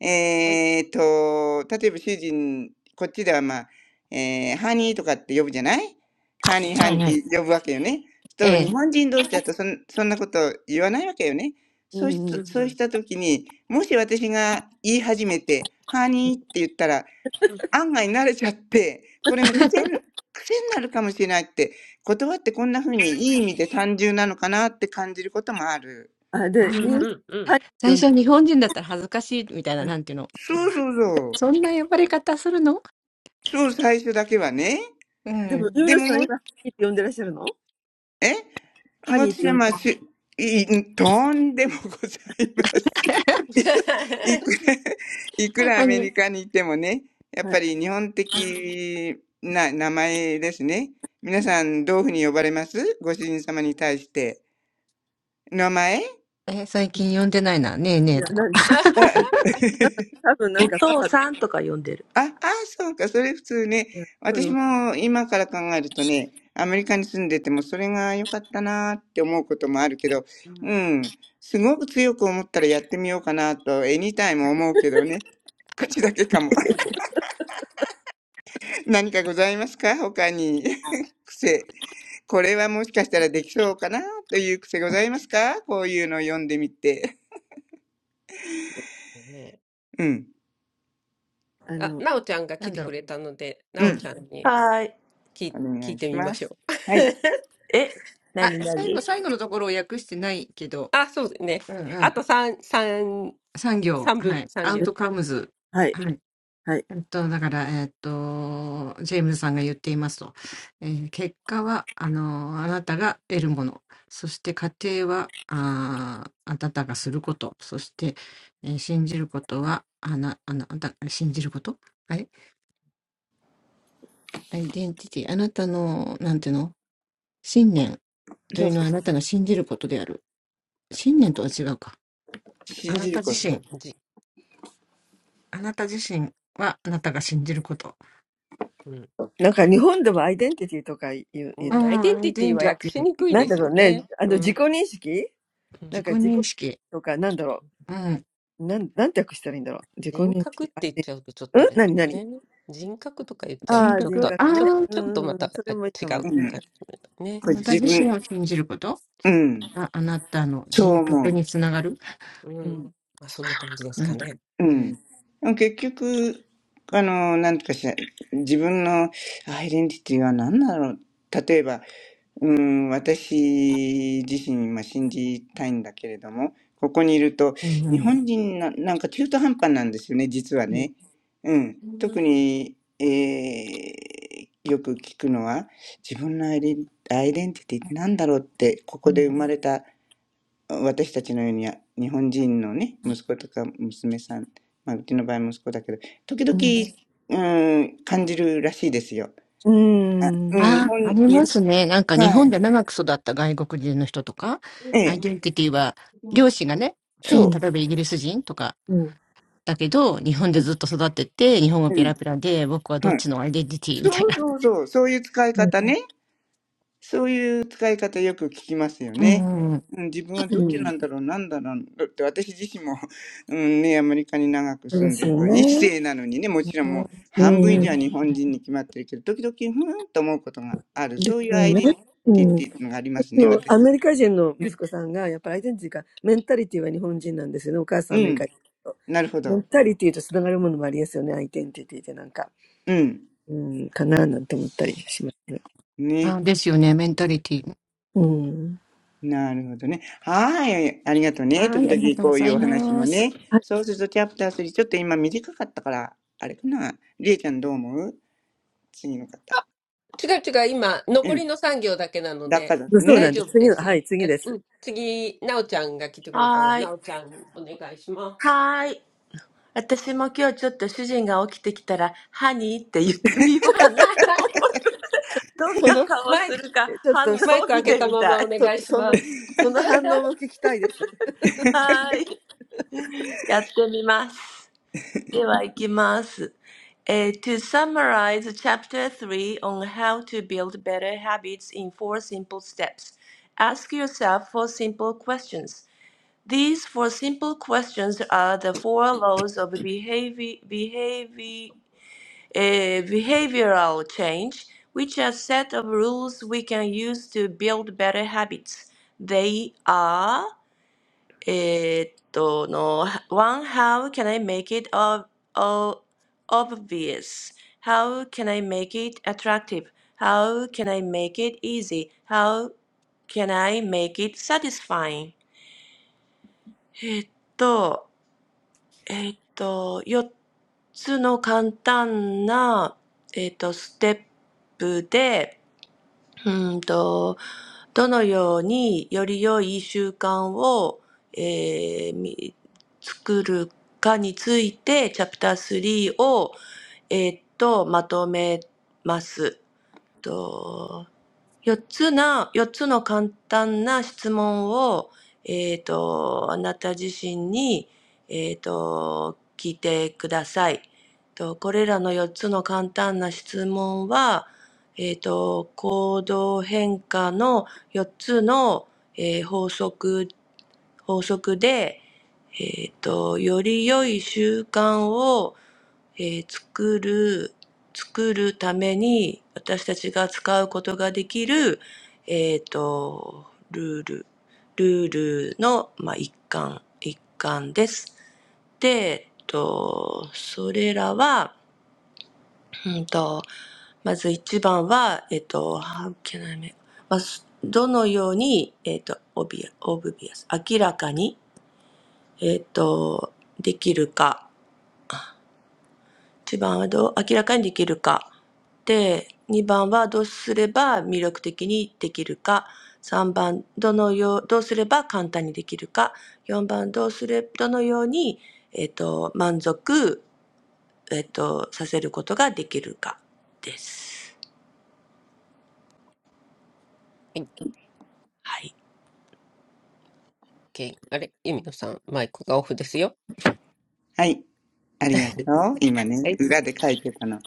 えーっと、例えば主人、こっちではまあ、えー、ハニーとかって呼ぶじゃないハニーハニーって呼ぶわけよね。と、Um. 日本人同士だとそん、そんなこと言わないわけよね。Um. そうし、Um. うん。うん。うそうしたときに、もし私が言い始めて、ハニーって言ったら、案外慣れちゃって、これも癖に、癖になるかもしれないって、言葉ってこんな風にいい意味で単純なのかなって感じることもある。Ah, for the ん。うん。うん。people うん。who call me. うん。そうそうそう。そう、最初だけはね。でも、ユーノさん、今、ハニーって呼んでらっしゃるのハニーって呼んでらっしゃる。はい。いや、なんで、うん、多分なんかパパ、うんその、あの、うん、はい、はい。なんか日本でもアイデンティティとか言う、言うと、な、なんだろうね、あの、自己認識なんか自己とか、なんだろう、なん、なんて訳したらいいんだろう。自己認識、アイデンティティ。うん何何ああ、人格ね。うんうんうん、それもいいかもね。うん、うん、うん、うん、うん、うん、うん。でももえ私はまあ、しい、とんでもございます。いいく ら、いくらアメリカにいてもね、やっぱり日本的な名前ですね。皆さん、どういうふうに呼ばれますご主人様に対して。名前あ お父さんとか呼んでる。あ、ああ、そうか、それ普通ね。私も今から考えるとね、アメリカに住んでてもそれが良かったなーって思うこともあるけど、うんうん、すごく強く思ったらやってみようかなと、エニタイム思うけどね。口だけかも。何かございますか他に。癖。これはもしかしたらできそうかなという癖ございますかこういうのを読んでみて。ねえ。うん。あ、なおちゃんが来てくれたので、うなおちん。ゃんにはーい。聞い、お聞願いいしてみまましょす。う。はい。え何何はーい。あ、そうですね。あと三、三、三分、三行。うん。えっと、だから、えっと、ジェームズさんが言っていますと。えー結果は、あの、あなたが得るもの。そして家庭は、あーあなたがすること。そして、えー信じることは、あな、あなあなた、信じることはいアイデンティティ。あなたの、なんていうの信念というのはあなたが信じることである。信念とは違うか。あなた自身。あなた自身はあなたが信じること。うん、アイデンティティ。自己認識。うん。そうそうそう。信じるうこと。んじ、うん。うんアイデンティティは訳しにくいですよね。うん。人格って言っちゃうとちょっとあれだもんね。人格とか言っ人格、ああ、あなた自身を信じることああなたの人格につながるなんだ。うんうん、ああ、ありますね。なんか日本で長く育った外国人の人とか、アイデンティティは、両親がね、えー例えばイギリス人とか、だけど、日本でずっと育ってて、日本語ペラペラで、僕はどっちのアイデンティティみたいな。うんうん、うんあ。ですよね、メンタリティ。はい、ありがとうございます。そう、いいことずくめですよね。脳トレ。脳トレ朝。ちゃうとちょっと、ちょ、ちょっとまたあ違う感うじん。だね。これ自分。うん。そう思う。うん。まあそんな感じですかね。うん。結局、あの、なんとかしら、自分のアイデンティティは何だろう。例えば、うん、私自身今信じたいんだけれども、ここにいると、日本人な、なんか中途半端なんですよね、実はね。うん。うん。特に、えー、よく聞くのは、自分のアイデンアイデンティティって何だろうって、ここで生まれた私たちのように日本人のね、息子とか娘さん、まあ、うちの場合息子だけど、時々、うん、感じるらしいですよ。うん、日本、日本、はい。うんええ、うんいきますそう。うん、うん、はい。そうそうそう、そういう使い方ね。そういう使い方よく聞きますよね。うん、自分はうんそうですよね。うん。ですよね。うん。のアメリカ人の息子さんが、やっぱりアイデンティティが、メンタリティは日本人なんですよね。お母さんアメリカ人と。メンタリティとつながるものもありますよね。アイデンティティってなんか。うん、かななんて思ったりしますね。うん。はい。そうなんです。次の、はい、次です。その、えちょっと、そ、その、その反応も聞きたいです。お願いします。どっちなんだろう、なんだろうだって私自身も、うんね、アメリカに長く住んでると、一世なのにね、もちろんもう半分以上は日本人に決まってるけど、時々ふーんと思うことがある、そういうアイデンティティっていうのがありますね、私。うん、なるほど。うん、ね、なるほどね。はい、ありがとうね。時々こういうお話もね。そうすると、チャプター3、ちょっと今短かったから、あれかな。りえちゃんどう思う次の方。違う違う、今、う残ん。りの3行だけなのだかでら大ね。丈夫ですよ。えうん。次、なおちゃんが来てくれたので、なおちゃんお願いします。はーい。私も今日ちょっと主人が起きてきたら、ハニーって言ってみようかなって はい思って どんな顔マイすク、るか反応マイクを開見けてたみまたまおい。願いします。はーい。やってみます。では行きます。えー to summarize chapter 3 on how to build better habits in four simple steps, ask yourself four simple questions. These four simple questions are the four laws of behavior, behavior, eh, behavioral change, which are a set of rules we can use to build better habits. They are, eh, to- no, one, how can I make it ob ob- obvious? How can I make it attractive? How can I make it easy? How can I make it satisfying? えっとえっと、4つの簡単な、えっと、ステップで、うーんと、どのようにより良い習慣を、えーみ作るかについて、チャプター3を、えっと、まとめます。と4つな、4つの簡単な質問を、えっ、と、あなた自身に、えっ、と、聞いてください。と、これらの4つの簡単な質問は、えっ、と、行動変化の4つの、えー法則、法則で、えっ、と、より良い習慣をえー作る、作るために私たちが使うことができる、えっ、と、ルール、ルールの、まあ、一環、一環です。で、えっと、それらは、うんと、まず一番は、えっと、how can I make- まあ、すどのように、えっと、obvious、obvious 明らかに、えっと、できるか。1番はどう明らかにできるか。で、2番はどうすれば魅力的にできるか。3番、どのよう、どうすれば簡単にできるか。4番、どうすれ、どのように、えっと、満足、えっと、させることができるかです。はい はい。OK あれ、ゆみのさん、マイクがオフですよ。はい。ありがと う。今ね、はい。裏で書いてたの。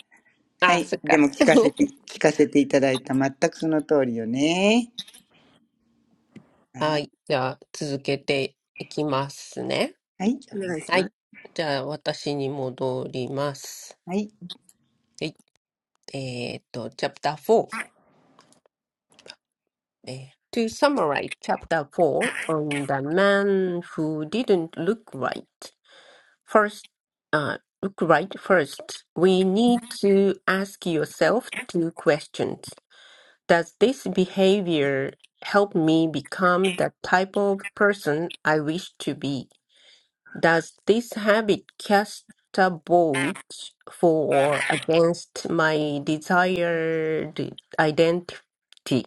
はあ、い。そっでか。も聞か せて、聞かせていただいた。全くその通りよね。ははい。お願い。はい。じゃあ、続けていきますね。はい。じゃあ、私に戻ります。はい。えっと、Chapter はい。4。えー To summarize Chapter 4 on the man who didn't look right. First, uh, look right first. We need to ask yourself two questions. Does this behavior help me become the type of person I wish to be? Does this habit cast a vote for or against my desired identity?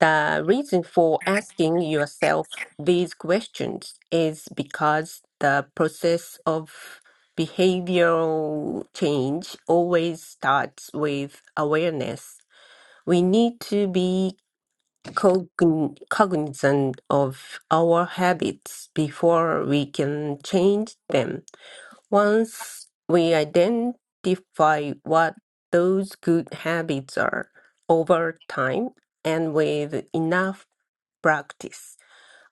The reason for asking yourself these questions is because the process of behavioral change always starts with awareness. We need to be cogn- cognizant of our habits before we can change them. Once we identify what those good habits are over time and with enough practice,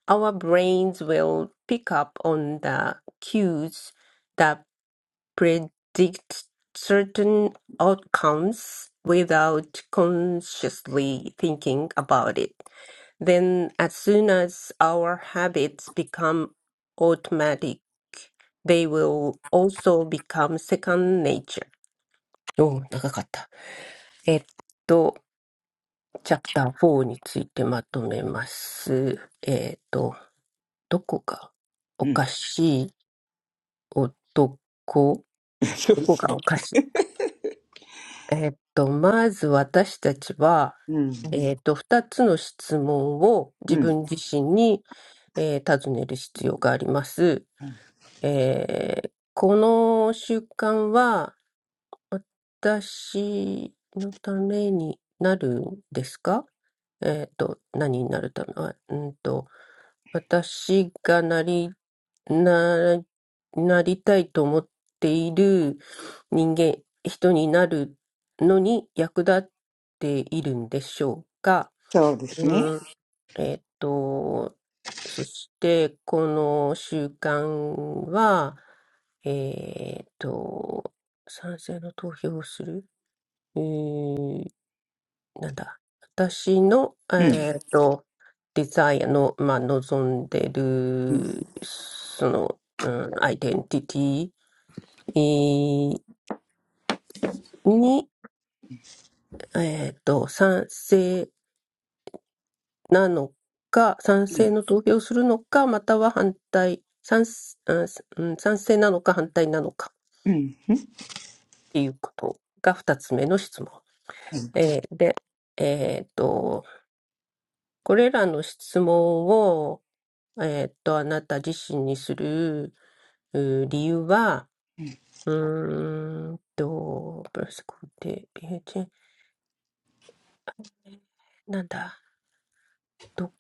our brains will pick up on the cues that predict certain outcomes without consciously thinking about it. Then, as soon as our habits become automatic, they will also become second nature. おー長かった。えっと、チャプター4についてまとめます。えっと、どこがおうん。かしい男、ど そうこそがう。おかしい。えっと、まず私たちは、うん。うんえっと、二つの質問を自うん。分自身に、えー尋ねる必要があります。えーこの習慣は私のためになるんですかえっと、何になるため、あうんと、私がなり、な、なりたいと思っている人間、人になるのに役立っているんでしょうかそうですね。うん、えっと、そして、この習慣は、えっと、賛成の投票をするえー、なんだ。私の、うん。えっと、デザイアの、まあ、望んでうん。る、その、うん、アイデンティティえーに、えっと、賛成なのか、賛成の投票をするのか、または反対、賛、うんうん賛成なのか反対なのかっうん。うんていうことが二つ目の質問。はい。えーで、えっと、これらの質問をえーっと、あなた自身にするうー理由は、うーんと、プラス肯定、えー、なんだ、ど、ん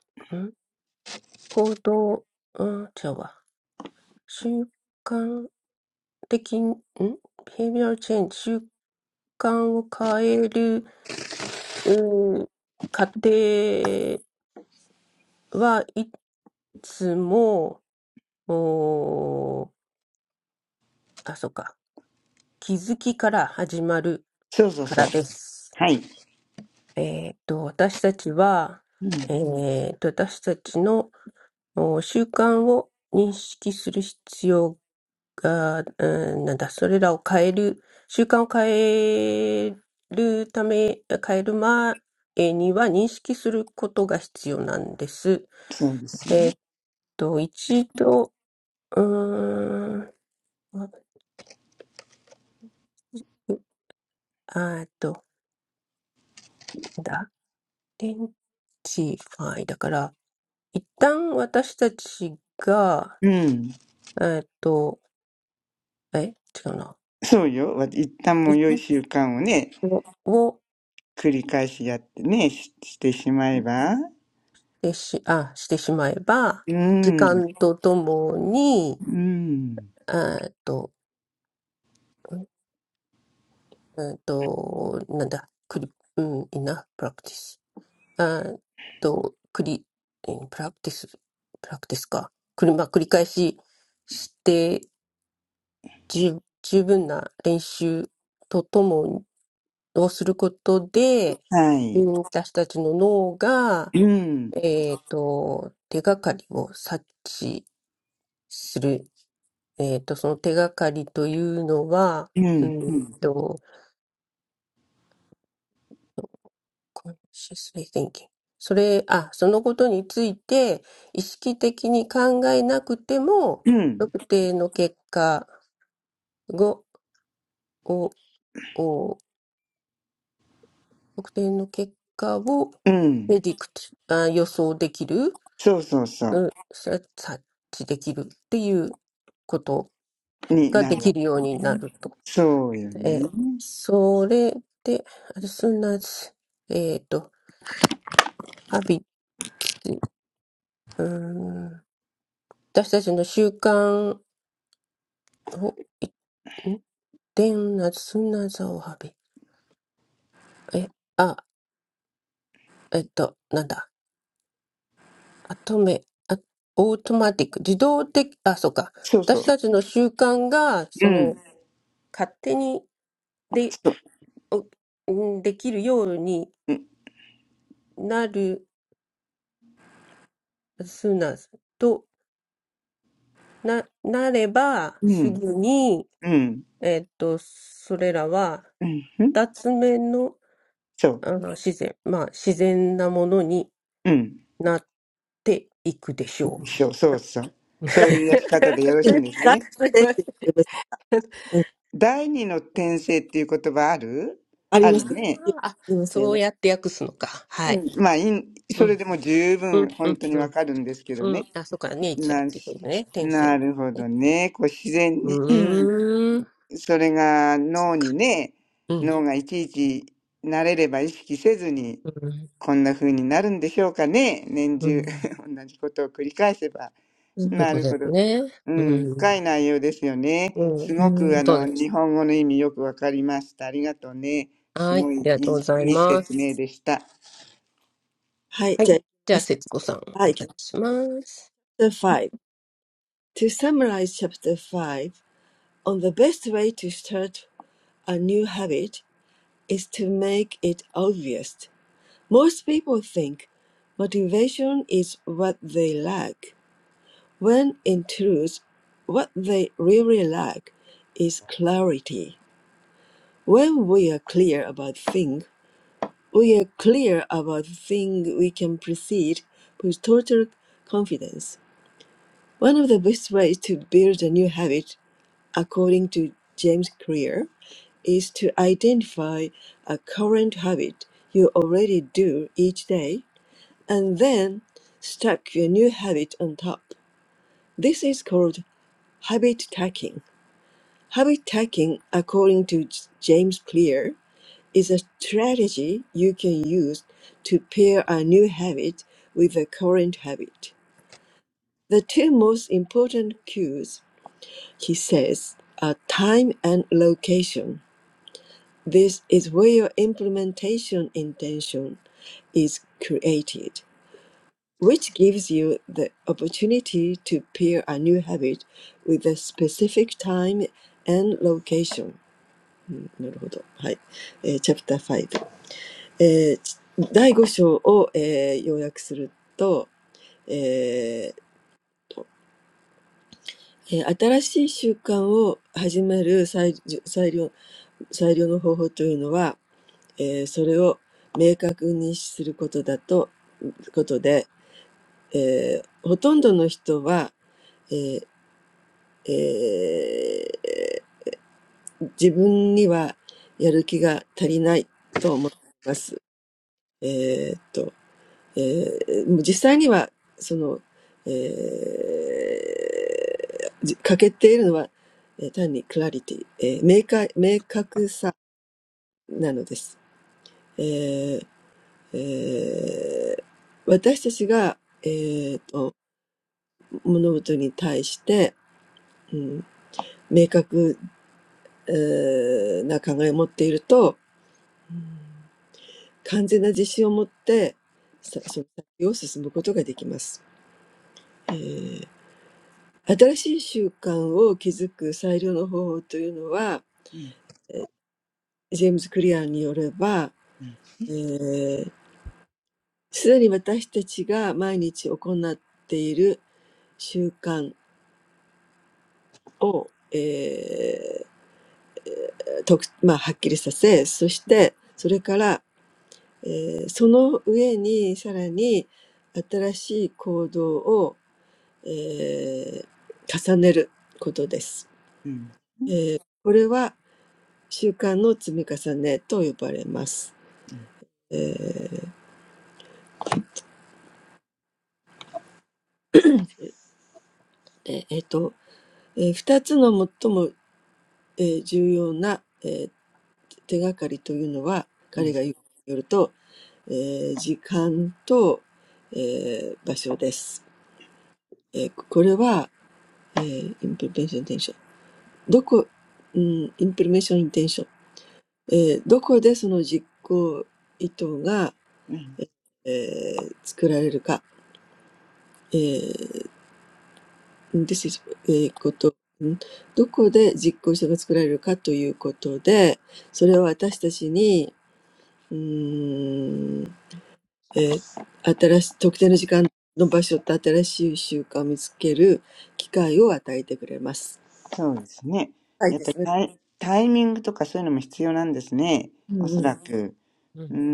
行動、うん、違うわ。習慣的に、ん ?behavioral change、習慣を変える、うー過程はいつも、おーあ、そっか、気づきから始まる。そうそうかそう。らです。はい。えっと、私たちは、うん。えっと、私たちのお習慣を認識する必要が、うんなんだ、それらを変える、習慣を変えるため、変える前には認識することが必要なんです。そうですえね。っと、一度、うーん、あえっと、なんだ、レンティファイだから、一旦私たちが、うん。えっと、え、違うな。そうよ。わ一旦もうい良い習慣をね、を、を繰り返しやってね、ししてしまえば。てし、あ、してしまえば、う時ん。間とともに、うん。えっと、えっと、なんだ、クリ、うん、イナ、プラクティス。えっと、クリ、んプラクティス、プラクティスか。くり、まあ、繰り返しして、十、十分な練習とともにをすることで、はうい。ん私たちの脳が、うん、えっと、手がかりを察知する。えっと、その手がかりというのは、ううん、うんん、と、consciously thinking。それ、あ、そのことについて意識的に考えなくても、うん、特定の結果を、を、を特定の結果を うん、predict、あ、予想できる。そうそうそうんさ察知できるっていうことう、にがなでるきわ。るようになると。そうよえね。ーそれで、あすなわち、えっと、ハビツ、うーん、私たちの習慣を、いんでんなすなざをハビ。え、あ、えっと、なんだ、あとめ、あ、オートマティック、自動的、あ、そうか。そうそ私う、たちの習慣が、うその、ん、勝手にで、そう、おんできるようにうん、なる、すな、と、な、なれば、うすん、ぐに、うん、えっと、それらは、うん、うん二つ目の、そう、あの、自然、まあ、自然なものにうん、なっていくでしょそうそうそう。う。そういうやり方でよろしいん ですよね。すいません。第二のうん転うん生っていう言葉あるああるーね。あ、そうやって訳すのか。うはい。ん、まあ、いんそうれん。でも十う分ん、う本ん、当にうわん。かるんですけどうん。ね。あ、そうか。ネイチャーっな、ていうのね。天性なのるほね。どね。こう自然に。うーん。それがそう脳か。にね、うん。脳がいちいち慣れれば意識せずに、うん。こんな風になるんでしょうかね。年う中 ん 同じことを繰り返せば。そういうこな の第二の天使ってことですねうんありますよね。ありますよね。うんうんはい、じゃあ行きます。はい、行きます。Chapter とるでほすど。ね。ううん、深ん。い内容ですよね。うすん。ごくあそうの、で日す。本語の意味よくわかりました。ありがとうね。すはい。ごあいりがとうごいざいい、いいま説明す。でした。はい。じゃあ、節子さん、お願いします。5. To summarize chapter 5, on the best way to start a new habit is to make it obvious. Most people think motivation is what they lack, when in truth, what they really lack is clarity. When we are clear about things, We are clear about the thing we can proceed with total confidence. One of the best ways to build a new habit, according to James Clear, is to identify a current habit you already do each day and then stack your new habit on top. This is called habit stacking. Habit stacking, according to J- James Clear, is a strategy you can use to pair a new habit with a current habit. The two most important cues, he says, are time and location. This is where your implementation intention is created, which gives you the opportunity to pair a new habit with a specific time and location. うんなるほど。はい。えー、Chapter 5えー第えーもう実際には、その、えーじ欠けているのは、えー単にクラリティ、えー明確、明確さなのです。えーえー私たちが、えーと、物事に対して、うん、明確、えーな考えを持っていると、うん完全な自信を持って、さその先を進むことができます。新しい習慣を築く最良の方法というのは、ジェームズ・クリアーによれば、えーすでに私たちが毎日行っている習慣を、えーとまあ、はっきりさせ、そしてそれから、えーその上にさらに新しい行動を、えー重ねることです。えーこれは習慣の積み重ねと呼ばれます。うん、うん、うん、うん、えーええっと、えー二つの最も、えー重要な、えー手がかりというのは、彼が言うよると、えー時間と、えー場所です。えーこれは、えインプリメーション・インテンション。どこ、うん、インプリメーション・インテンション。えーどこでその実行意図が、えー作られるか。うんうんうんうんうん This is えーことんとこて実行者か作られるかということてそれは私たちにうーんえー新しい特定の時間の場所と新しい習慣を見つける機会を与えてくれますはいてすねうんうんえーてももうあのイムノさんのおかけてもうそうですね。やっぱりタイ、タイミングとかそういうのも必要なんですね。おそらく。ううーん。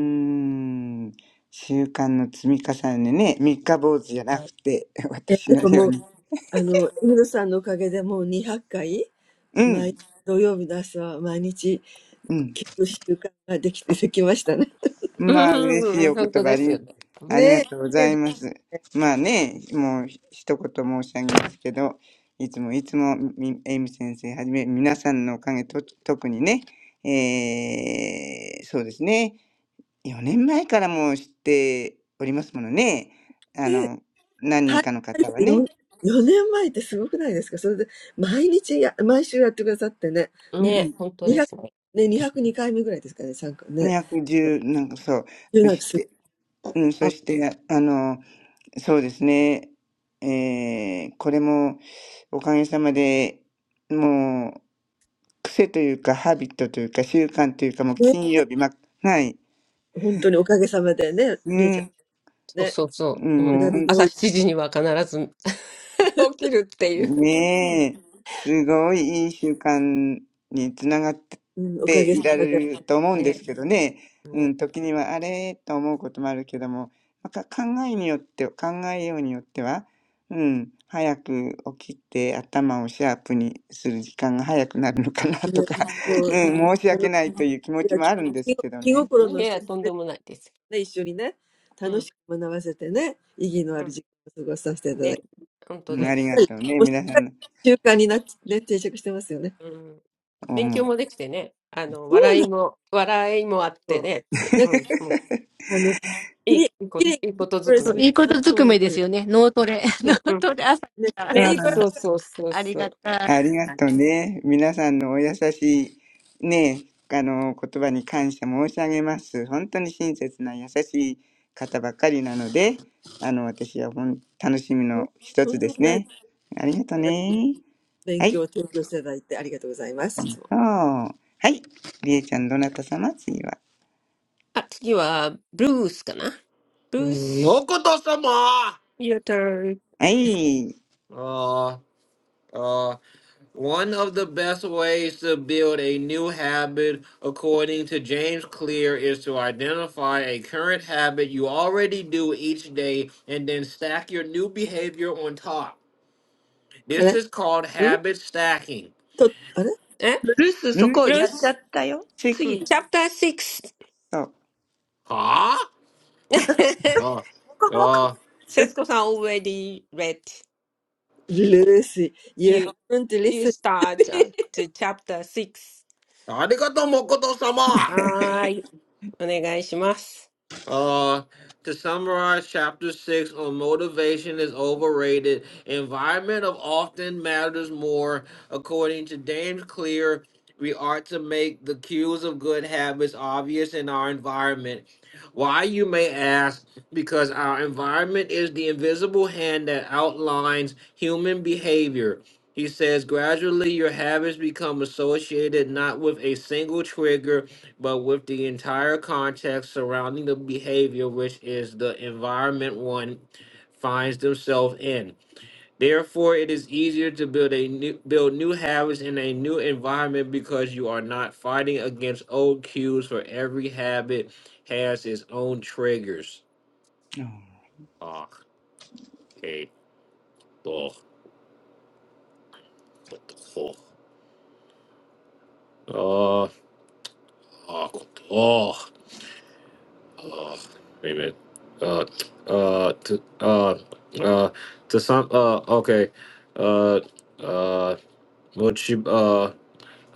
ん。習慣の積み重ねね。三日坊主じゃなくて、私のうようん。に。うん。うん。うんまあ、嬉うしんいうんお本言当葉あですより、ね。うありんがとうございます。まあね、もうひ一言申し上げますけど、いつもいつも、みエイミ先生はじめ、皆さんのおかげと、特にね、えー、そうですね。4年前からもう知っておりますものね。あね大変てすよ の、何人かの方はね。ね、本当ですね。210、なんかそう。そして、うん、そして、あの、そうですね。えー、これも、おかげさまで、もう、癖というか、ハビットというか、習慣というか、もう金曜日、ま、はい。うん、そうそうそうう。んうん。もう朝7時には必ず 起きるっていう。ねえ、すごいいい習慣につながっていられると思うんでね。すけどね、うね。ん、時にはあれと思うこともあるけども、まあか考えによって考えようによっては、うん、早く起きて頭をシャープにする時間が早くなるのかなとか、ううん、申し訳ないという気持ちもあるんですけどね。ん。いや、とんでもないです。うん。うん。ね。本当うん、でありす。がとうね、皆さんの ね、一緒にね、楽しく学ばせてね、意義のある時間を過ごさせていただいて、もうすっかり、もうすっかり習慣になって、ね、定着してますよね。そうなんだ。なんか、あの、きれい、きれい、two うん。勉思強う。もできてね。あの、笑いも、笑いもあってね。うんいいいいこと、いいことづく birds め with です。one stone どころじゃない。そう、ね、three うん。うね、んそうそうそうそう。ありがはいとうね。皆さんのお優しいね、あの、言葉に感謝申し上げます。本当に親切な優しい方ばかりなので、あの、私はほん楽しみの一つですね。ありがとうね。はい。そう。birds、とんとんでもない素晴らしい勉強を提供していただいてありがとうございます。いつも。あれと、あれルーシー、you はい。りえちゃん、どなた様次は。あ、次は、ブルースかなブルース、your turn. んはい。ん Uh, one of the best ways to build a new habit, according to James Clear, is to identify a current habit you already do each day and then stack your new behavior on top. This is called habit stacking. えブルース、そこブルーやっちゃっス、たよ。しう次ん、だよ。chapter 6. そう。Huh? Uh, もこもこ uh, ブルー節ス。子さん already read. You, haven't you listened start uh, to chapter 6. arigato mokoto sama. はーい。お願いします。Uh, to summarize, chapter six on motivation is overrated. Environment of often matters more. According to James Clear, we are to make the cues of good habits obvious in our environment. Why, you may ask, because our environment is the invisible hand that outlines human behavior. He says, gradually your habits become associated not with a single trigger, but with the entire context surrounding the behavior, which is the environment one finds themselves in. Therefore, it is easier to build a new, build new habits in a new environment because you are not fighting against old cues. For every habit has its own triggers. Ah, hey, oh, oh, oh, oh. oh. oh. uh, wait a minute. Uh, uh, to, uh, uh, to some, uh, okay. Uh, uh, mochi, uh,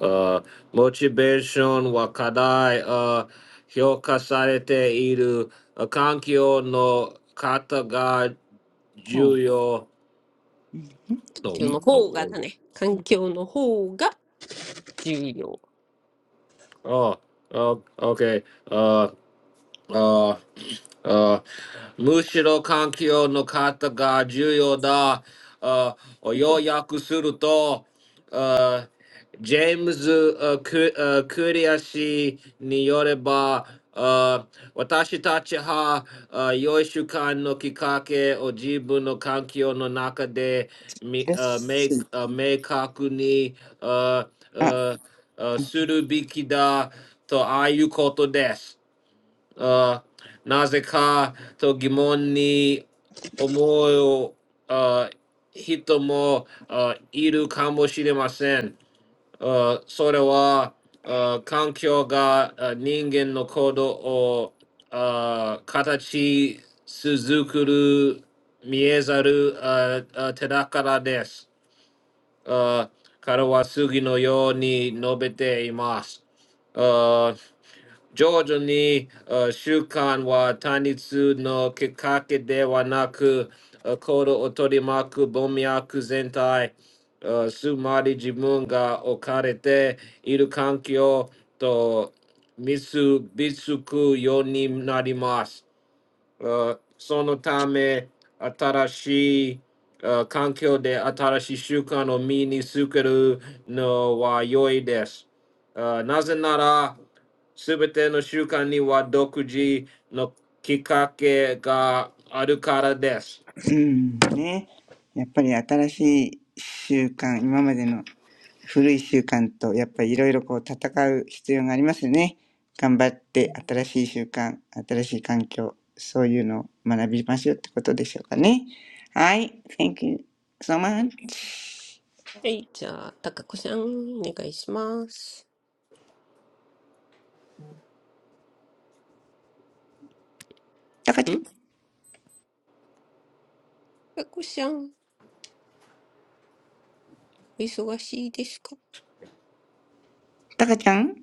uh, motivation wa kadai, uh, hyokasarete iru uh, kankyo no kata ga そう。juyo. うん環うん No, 境ね。の no. 方が no. だね。環境の方が重要。Oh, oh, okay. Uh, Uh, uh, Mushiro kankyo no kata ga juyo da uh, oyoyaku suru to uh, James uh, Ku- uh, Kuriashi ni yoreba uh, watashi tachi ha uh, yoishukan no kikake o jibu no kankyo no naka de mi, レッ uh, me, uh, meikaku ni uh, あ、uh, uh, suru biki da to ayu koto desu uh, Nazaka to uh, uh, Uh, それは、uh, 環境が、uh, 人間の行動を、uh, 形作る見えざる、uh, uh, 手だからです。uh, uh, Sonotame Atarashi uh, no Mini Sukeru no Uh, no no うん。ね。やっぱり新しい習慣、今までの古い習慣とやっぱりいろいろこう戦う必要がありますよね。頑張っうてん新しい習慣、新しい環境、そういうのを学びましょうってことでしょうかね。はい。Thank you so much. はい、じゃあ、たかこさん、お願いします。たかちゃんかこしゃん、お忙しいですかたかちゃん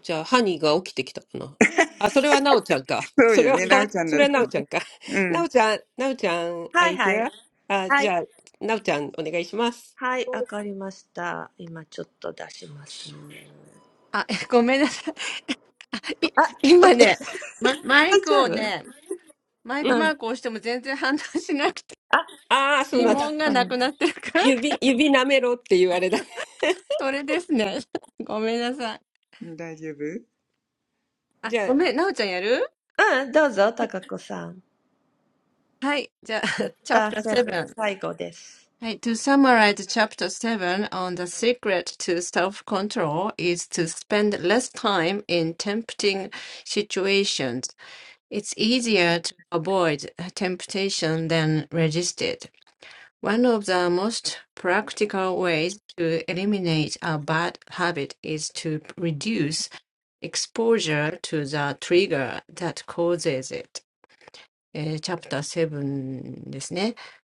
じゃあ、ハニーが起きてきたかなあ、それはなおちゃんか。そうそれよは、ね。なお ちゃんそだっれはたなおの。ちゃんか。うなおん。ちゃん、なおちゃん、are はい you はい。here? あ、はじい。ゃあ、なおちゃん、お願いします。はい、わかりました。今ちょっと出します。あ、お 大丈夫ううん。ん ありがたい。あ、ごめんなさい。い今ね、ま、マイクをね、マイクマークを押しても全然反応しなくて、指紋がなくなってるから、それですね。ごめんなさい。あ、ごめん、なおちゃんやるはい、じゃあ、Chapter あ、ああ、そうなそうんだ。だったの。指、指舐めろって言われた。大丈夫じゃあ、うん、どうぞ、たかこさん。チャプターセブン、7. 最後です。はい、To summarize Chapter 7 on the secret to self-control is to spend less time in tempting situations. It's easier to avoid temptation than resist it. One of the most practical ways to eliminate a bad habit is to reduce exposure to the trigger that causes it.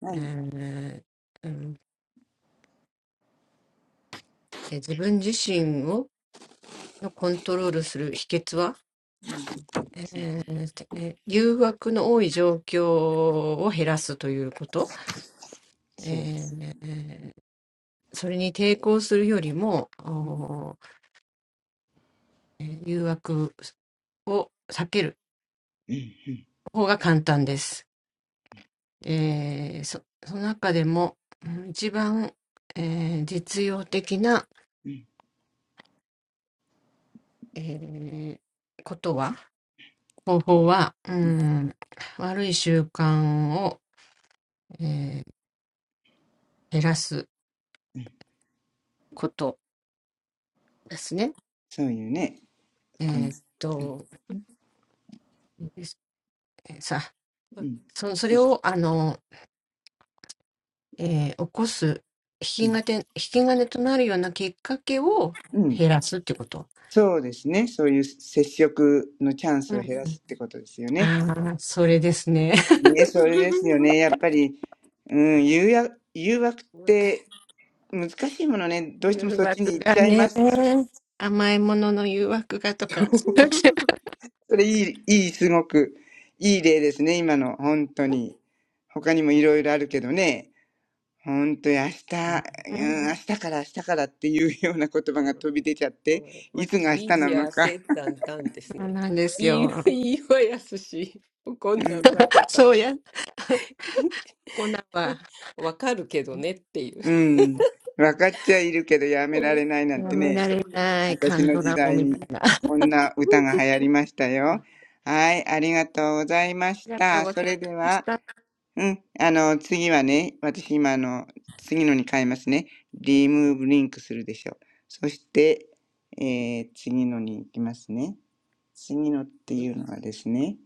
はい。そう えーチャプター7ですね。えーうんえー自分自身をのコントロールする秘訣は、えーえー誘惑の多い状況を減らすということ。えーそれに抵抗するよりも、おーえー誘惑 そうです。うん。を避ける方が簡単です。えーそその中でもうん一番、えー実用的な、えーことは方法は、うん、悪い習慣を、えー減らすことですね。えーっとさそそれをあの、えー起こす引き金引き金となるようなきっかけを減らすってこと。うん、ああ、それですね。うん。うん。うん。うんうんそういうね。この。うん。まうあ ん。うん。うんそうですね。そういう接触のチャンスを減らすってことですよね。ね、それですよね。やっ ぱり、うん、誘惑、誘惑っわか。て難しいものね。どうしてもそっちに行っちゃいます。それいい、いい、すごくいい例ですね。今の、本当に。他にもいろいろあるけどね。本当に明日、うん、明日から明日からっていうような言葉うがんはい飛び出ちゃって、マいッつがチ、明リ日ーなジのア、か。セッタン、ダンですね。いいわ、いいわ、やすし。こんうなんん、わかったっす。わかるけどねっていう。うん。分かっちゃいるけどやめうらん、れないなんてうんね。そうです。私の時代うにん。誘惑がね、甘いものの誘惑がとか、そうねそうなんですよ。そうや、こんなんは、やめられないカンドラゴみたいな。ありがとうございました。葉っぱの葉クイズ楽しいですよね。落ち、うん、こんな歌が流行りましたうよ。ん、はい、ありがとうございました。それでは、うん、あの、次はね、私今あの、次のに変えますね。リムーブリンクするでしょう。そして、えー、次のに行きますね。次のっはていい。うのはですね、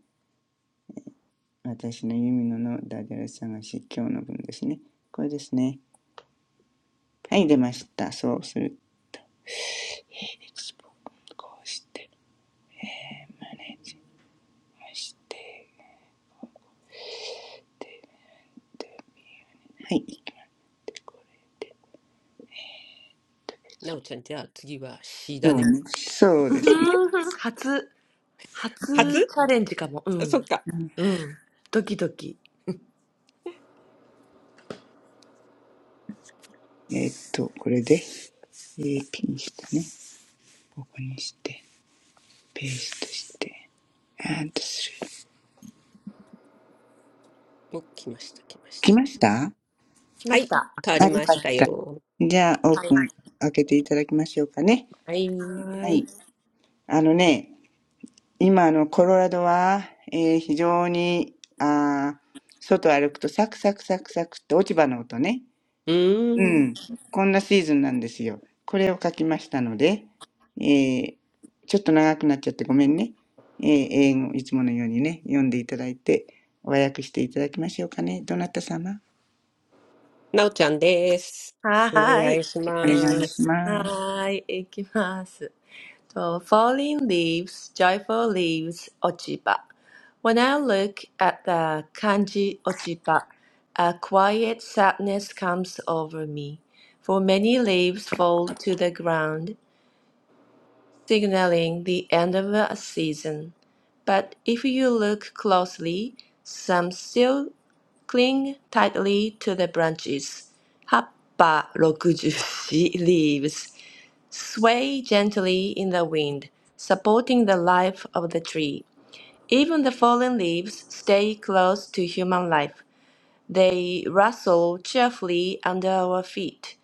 私のユミノのダジャレ探し、今日の分ですね。これですね。はい、出ました。そうする。こうして、マネージして。はい。なおちゃん、じゃあ次は C そだうね。ね。そううーですね。ん、初、初チ初ャレンジかも。うそん。っか。うん。ドキドキ。えーっと、これで、えーピンしてね。ここにして、ペーストして、アートする。お、来ました、来まし来た。ましたあ、よしまはしい。た。変わかりっましたた。よ。じゃあ、オーはプい。ン開けていただきましょうかね。はい。うははーい。い。あのね、今、あの、コロラドは、えー非常に、あー外歩くとサクサクサクサクって落ち葉の音ね。うーん。ん。こんなシーズンなんですよ。これを書きましたので、えーちょっと長くなっちゃってごめんね。えー英語、いつものようにね、読んでいただいて、和訳していただきましょうかね。どなた様なおちゃんです。はおー願い。いしお願いましす。ます。はーい。いきます。The falling leaves, joyful leaves, Ojiba. When I look at the kanji Ojiba, a quiet sadness comes over me, for many leaves fall to the ground, signaling the end of a season. But if you look closely, some still cling tightly to the branches. Happa 64 leaves sway gently in the wind, supporting the life of the tree. Even the fallen leaves stay close to human life. They rustle cheerfully under our feet,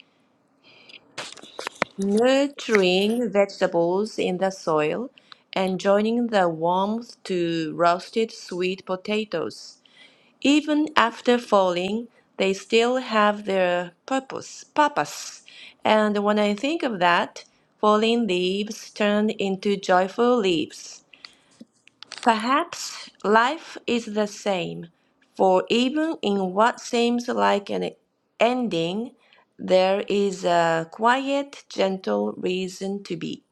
nurturing vegetables in the soil and joining the warmth to roasted sweet potatoes. Even after falling, they still have their purpose, purpose. And when I think of that, falling leaves turn into joyful leaves. Perhaps life is the same, for even in what seems like an ending, there is a quiet, gentle reason to be.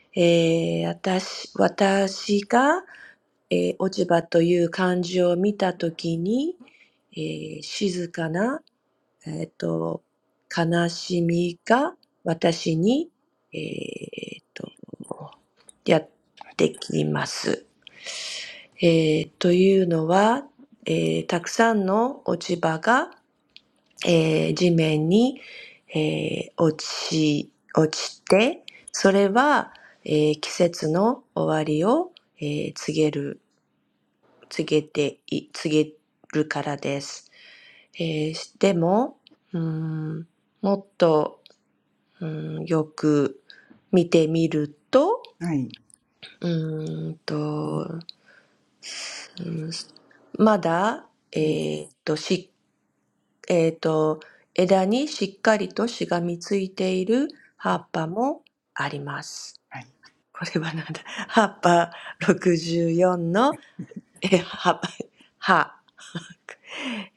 一役はですね、えー、私、私がえー落ち葉という漢字を見たときに、えー静かな、えーと悲しみが私に、えーとやってきます。えーというのは、えーたくさんの落ち葉が、えー地面に、えー落ち、落ちて、それは、えー季節の終わりを、えー告げる告げてい、告げるからです。えーでも、うーん、もっと、うん、よく見てみると、はい。うーんと、うんまだ、えうん。ーっと、し、えーっと、枝にしっかりとしがみついている葉っぱもあります。はい。これはなんだ葉っぱ64の、え、葉っぱ、葉。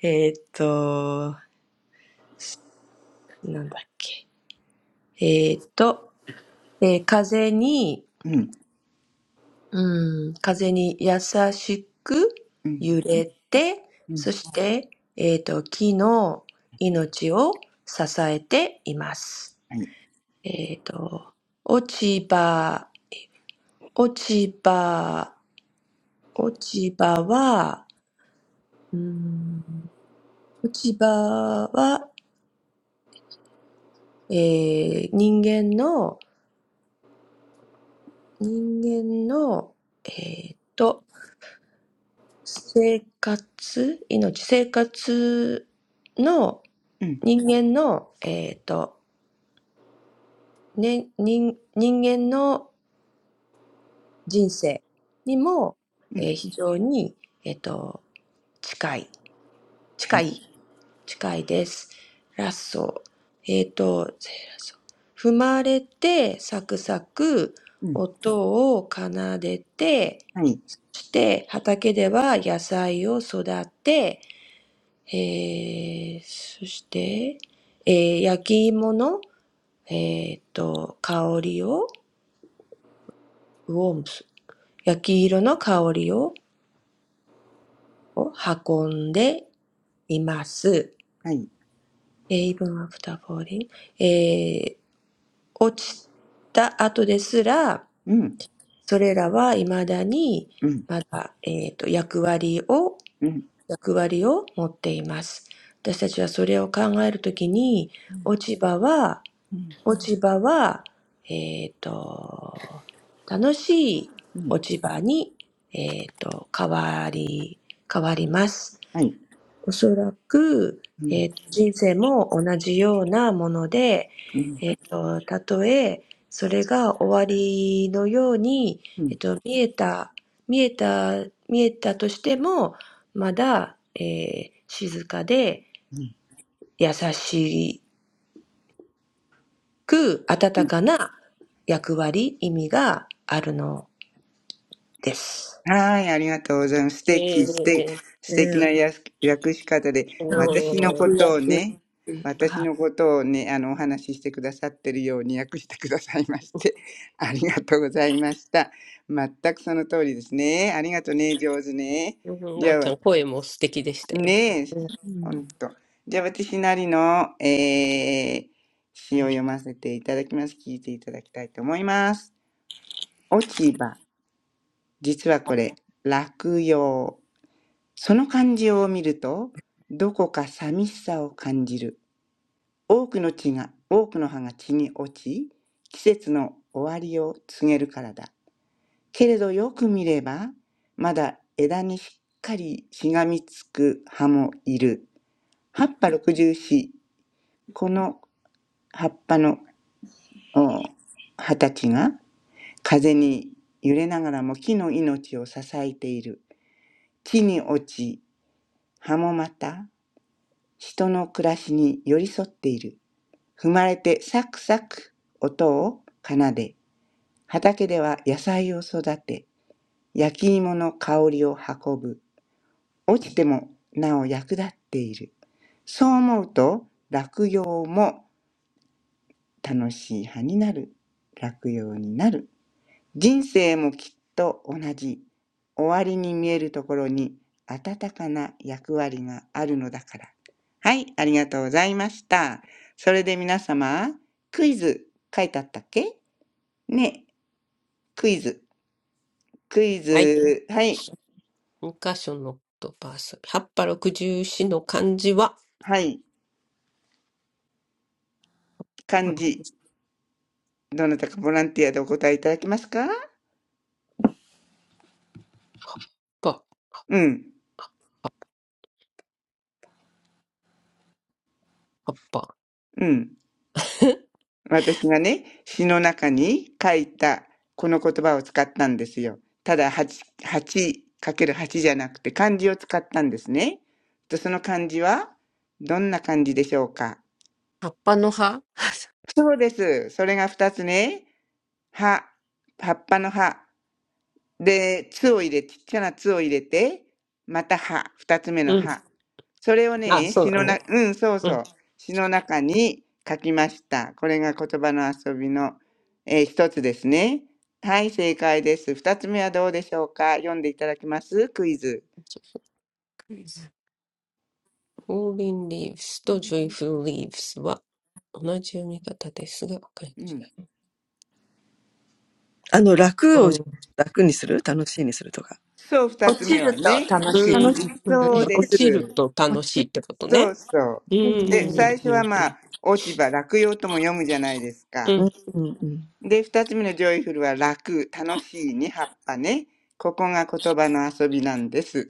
えーっと、なんだっけ。えーっと、えー風に、うん。うん、風に優しくうん。揺れて、うそん。して、えーっと、木の命を支えています。はい。えーっと、落ち葉、落ち葉、落ち葉は、うん、落ち葉は、えー人間の、人間の、えーっと、生活、命、生活のうん。人間の、えっと、ね、人、人間の人生にも、うえん。ー非常に、えっと、近い、は近い。い、近いです。ラッソー、えっと、ラ踏まれて、サクサク、うん。音を奏でて、はい。そして畑では野菜を育てえー、そして、えー、焼き芋の、えーっと、香りを、ウォンプ、焼き色の香りを、運んでいます。はい。イブ even after falling, えー、落ちた後ですら、うん。それらは未だに、うん。まだ、えーと、役割を、うん。役割を持っています。私たちはそれを考えるときに、落ち葉はうん。落ち葉は、えっ、と、楽しいうん落ち葉に、えっ、と、変わり、変わります。はい。おそらく、うえん。っ、と、人生も同じようなもので、えうん。っとたとえ、それが終わりのように、うえっ、ん。と、見えた、見えた、見えたとしても、まだ、えー静かでう優しいく温ん。かな役割、意味があるのです。はい、ありがとうございます。素え敵、素敵、え、す素敵なやす訳し方で、うん私直のごい。ことを訳。ね、私はいのことをね、あの、お話ししてくださってるように訳してくださいまして、ありがとうございました。全くその通りですね。ありがとうね、上手ね。うん、なじゃおあ、ちわゃん、声も素敵でしたよ。ねえ、うん、ほんと。じゃあ、私なりの、えー、詩を読ませていただきます。聞いていただきたいと思います。落ち葉。実はこれ、落葉。その漢字を見ると、どこか寂しさを感じる。多くの血が、多くの葉が血に落ち、季節の終わりを告げるからだ。けれどよく見れば、まだ枝にしっかりしがみつく葉もいる。葉っぱ六十四、この葉っぱの葉たちが風に揺れながらも木の命を支えている。地に落ち、葉もまた人の暮らしに寄り添っている。踏まれてサクサク音を奏で、畑では野菜を育て、焼き芋の香りを運ぶ。落ちてもなお役立っている。そう思うと落葉も楽しい葉になる。落葉になる。人生もきっと同じ。終わりに見えるところに温かな役割があるのだから。はい、ありがとうございました。それで皆様、クイズ書いてあったっけね、クイズ。クイはい。ズ、はい、二箇所の言葉遊び。葉っぱ六十四の漢字は、はい、あ漢ら字。どなたかボランティアでお答えいただけますか葉っぱ、うん、あ葉っぱ。うん。私がね、詩の中に書いたこの言葉を使ったんですよ。ただ8、8×8 じゃなくて漢字を使ったんですね。とその漢字はどんな漢字でしょうかそうです。それが2つね。葉、葉っぱの葉。で、つを入れ、ちっちゃなつを入れて、また歯、二つ目のうん。歯。それをあ、ね、そう詩だのな、ね。うん、そううそん。う、詩の中に書きました。これが言葉の遊びの、えー一つですね。はい、正解です。二つ目はどうでしょうか読んでいただけますクイズ。rolling leaves と joyful leaves は同じ読み方ですが、漢う字ん。が。うんえーうんあの、楽を楽にする楽しいにするとか。そう、二落つち目るはとね。楽うんしい。うんうんそうで落ちす。ると楽しいってことそね。うそう。うんうで、最ん 初うんうはんうまん。あ、落ち葉、落葉とも読むじゃないですか。う うんうんうん。なるはい。じゃあ、やります。B んで、二つ目のジョイフルは楽、楽しいに葉っぱね。ここが言葉の遊びなんです。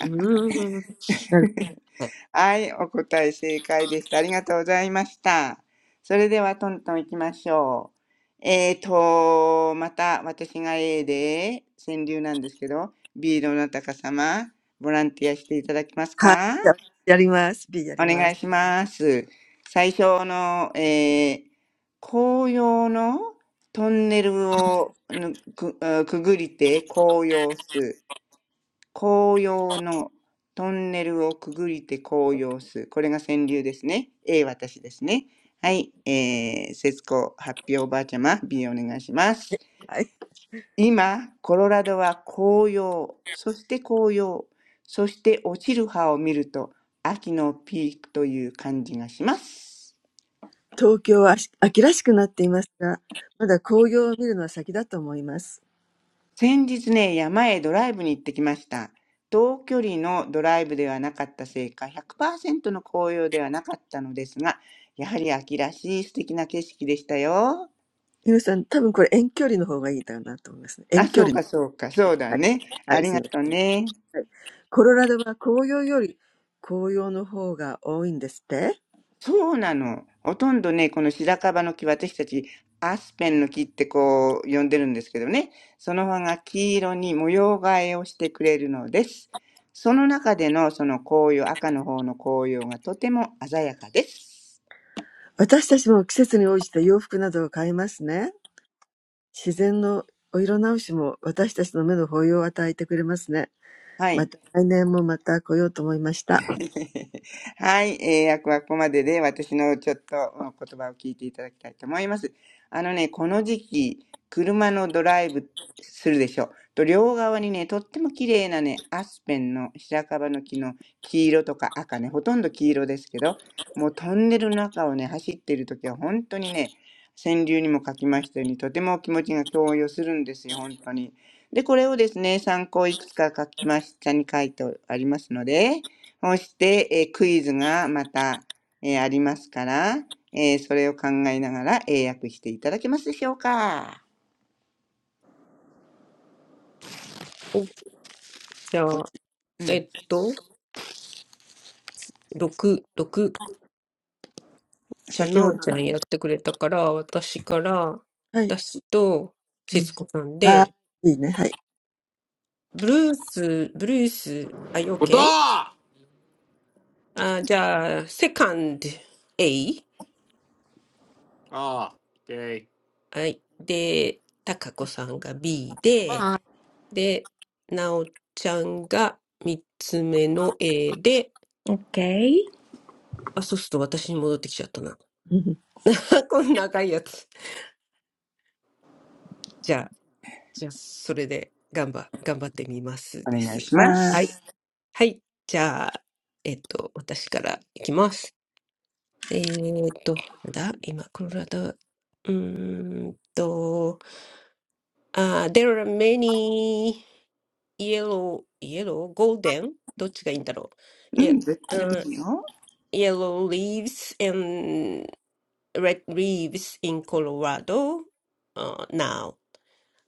うんうん。やります。はい。東京は秋秋らしくなっていますが、まだ紅葉を見るのは先だと思います。ゆうさん、多分これ遠距離の方がいいだろうなと思いますね。遠距離の。はい。はい、すみません。はい。コロラドは紅葉より紅葉の方が多いんですってはい。はい、お答え正解でした。ありがとうございました。それではトントン行きましょう。えーと、また私が A で、川柳なんですけど、B のどなたか様、ボランティアしていただけますかお願いします。最初の、えー紅葉のトンネルをぬく、あくぐりて紅葉す。紅葉のトンネルをくぐりて紅葉す。これが川柳ですね。A 私ですね。はい。えー、節子発表おばあちゃま、B お願いします。今、コロラドは紅葉、そして紅葉、そして落ちる葉を見ると、秋のピークという感じがします。先日ね、山へドライブに行ってきました。遠距離のドライブではなかったせいか、100%の紅葉ではなかったのですが、やはり秋らしい素敵な景色でしたよ。あ、そうかそうか、そうだね。ありがとうね。そうなの。ほとんどね、この白樺の木、私たちアスペンの木ってこう呼んでるんですけどね、その葉が黄色に模様替えをしてくれるのです。その中でのその紅葉、赤の方の紅葉がとても鮮やかです。私たちも季節に応じて洋服などを変えますね。自然のお色直しも私たちの目の保養を与えてくれますね。はい。はい、えー、役はここまでで、私のちょっとうん言葉を聞いていただきたいと思います。あのね、この時期、車のドライブするでしょう。と、両側にね、とっても綺麗なね、アスペンの白樺の木の黄色とか赤ね、ほとんど黄色ですけど、もうトンネルの中をね、走っている時は本当にね、川柳にも書きまた来年もまた来ようと思いました。はい。うん、はーい。いいね。はい。うんはい。はい。えー ましたように、とても気持ちが共有するんですよ、本当に。で、これをですね、参考いくつか書きましたに書いてありますので、そして、えークイズがまた、えーありますから、えーそれを考えながら英訳していただけますでしょうか。おじゃあ、うえん。っと、6、6。じゃあ、先なほどおちゃんやってくれたから、私から、私と、節子さんで、ブルース、ブルース、あ、you o あ、じゃあ、セカンド A。Ah, okay. はい。で、たかこさんが B で、で、なおちゃんが三つ目の A で、Okay, あ、そうすると私に戻ってきちゃったな。こんな長いやつ。じゃあ、じゃあ、それで、頑張、頑張ってみますおで願いす。しまはい。す。はい。じゃあ、えっと、私からいきます。えーっと、なんだ今、コロラド、うーんと、あー、there are many yellow, yellow, golden? どっちがいいんだろう。ういや、ん、どっちでもいいよ。yellow leaves and red leaves in Colorado uh, now.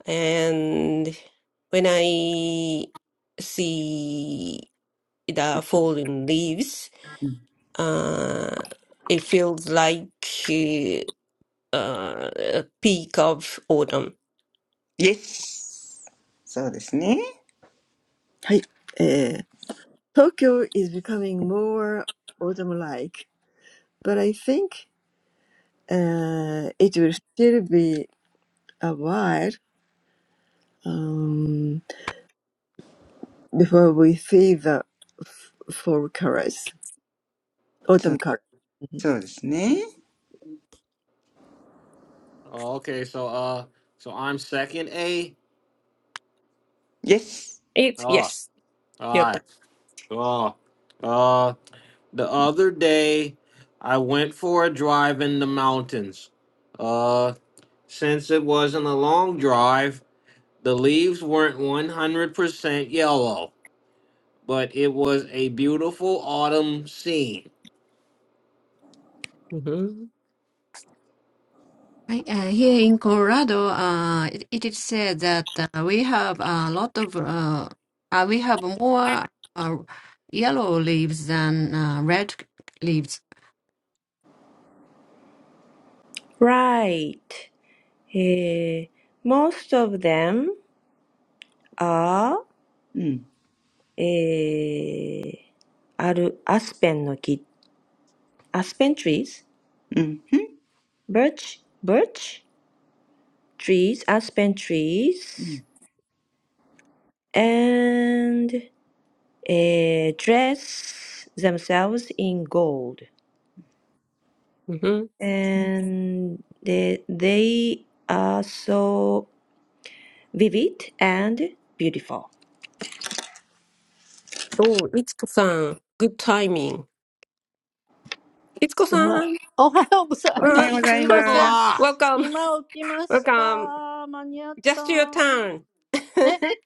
And when I see the fallen leaves, うん。uh, it feels like uh, a peak of autumn. Yes。そうですね。Tokyo is becoming more autumn-like, but I think uh, it will still be a while um, before we see the f- fall colors, そう autumn colors. Mm-hmm. そうですね。Oh, okay, so uh so I'm second A. Yes。It's Oh, all yes. やっ right. た。Oh. uh, The other day, I went for a drive in the mountains. Uh, since it wasn't a long drive, the leaves weren't 100% yellow, but it was a beautiful autumn scene. うんふん。I, uh, here in Colorado, uh, it, it is said that uh, we have a lot of, uh, uh, we have more uh, yellow leaves than uh, red leaves. right. h most of them are うん。h あるアスペンの木 aspen trees, うん。birch, birch trees, aspen うんう trees, ん。and h dress themselves in gold. うんふん。and they, they are so vivid and beautiful. おー、いつこさん。Good timing. いつこさん。おはあ ようござい ま Otoa! す。Welcome. Welcome. Just your turn.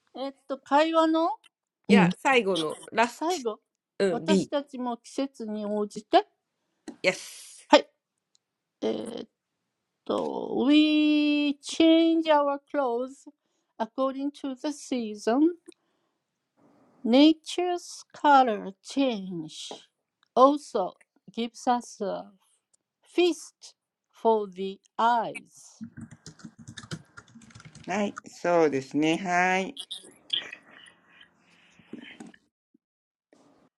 うわおはようございます。すいません。今起きました。間に合った。え、え、えっと、会話の最後。私たちも季節に応じて。はい。えーっと、We い Um. や、最後の last、うん、B. Yes. change our clothes according to the season. Nature's color change also gives us a feast for the eyes. はい。そうですね。はい。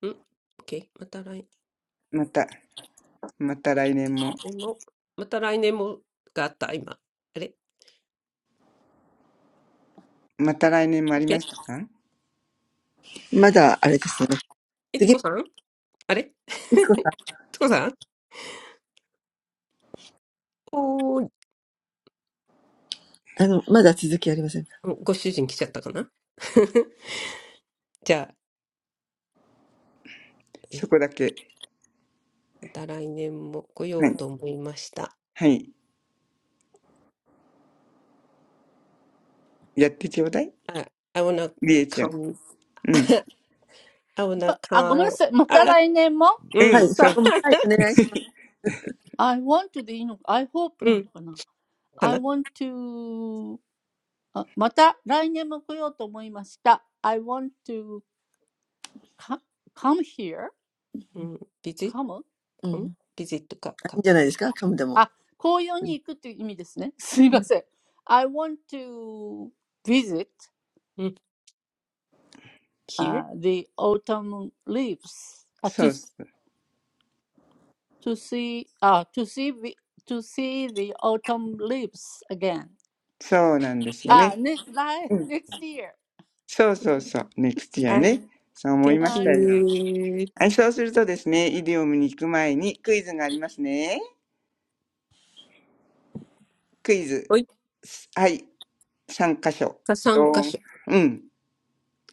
ん ?OK. また来。また、また来年も、でも、また来年もがあった、今。あれまた来年もあオッりケまーしたかいつ Still. こさんあれ いつこさんおーい。Don't be おご主人来ちゃったかな じゃあ、そえ、こだけ。また来年も来よはうい。と思いました。はい。やってちょうだいあ、I wanna りえちゃん。come, うん。I wanna come, あ、あ、ごめんなさい。また来年も ううん、ん、そあう、?I want to でいいのか ?I hope うん、なのかな か ?I な want to あ、また来年も来ようと思いました。I want to co- come here? うん、visit, come? come, visit か、か、うん、あ、紅葉に行くっていう意味ですね。すいません。I want to visit、uh, うん、here? the autumn leaves. そ あ、to, うそう。to see, あ、to see, the- to see the autumn leaves again. そうなんですはよい。Ah, ね。ne- li- う ん。next year. そうそうそう。ネクチアあ、ね。そう思いま thank した I, よ。you. はい、そうするとですね、イディオムに行く前にクイズがありますね。クイズ。おい、すはい、三箇所。かど3箇ん。所。うん。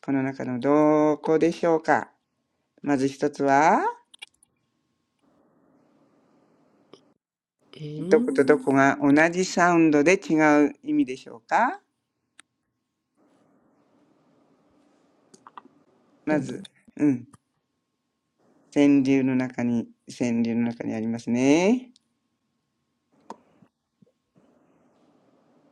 この中のどこでしょうかまず一つは、うどことーどん。こが同じサウンドで違う意味でしょうかまどんどん。ず、うん。川柳の中に、川柳の中にありますね。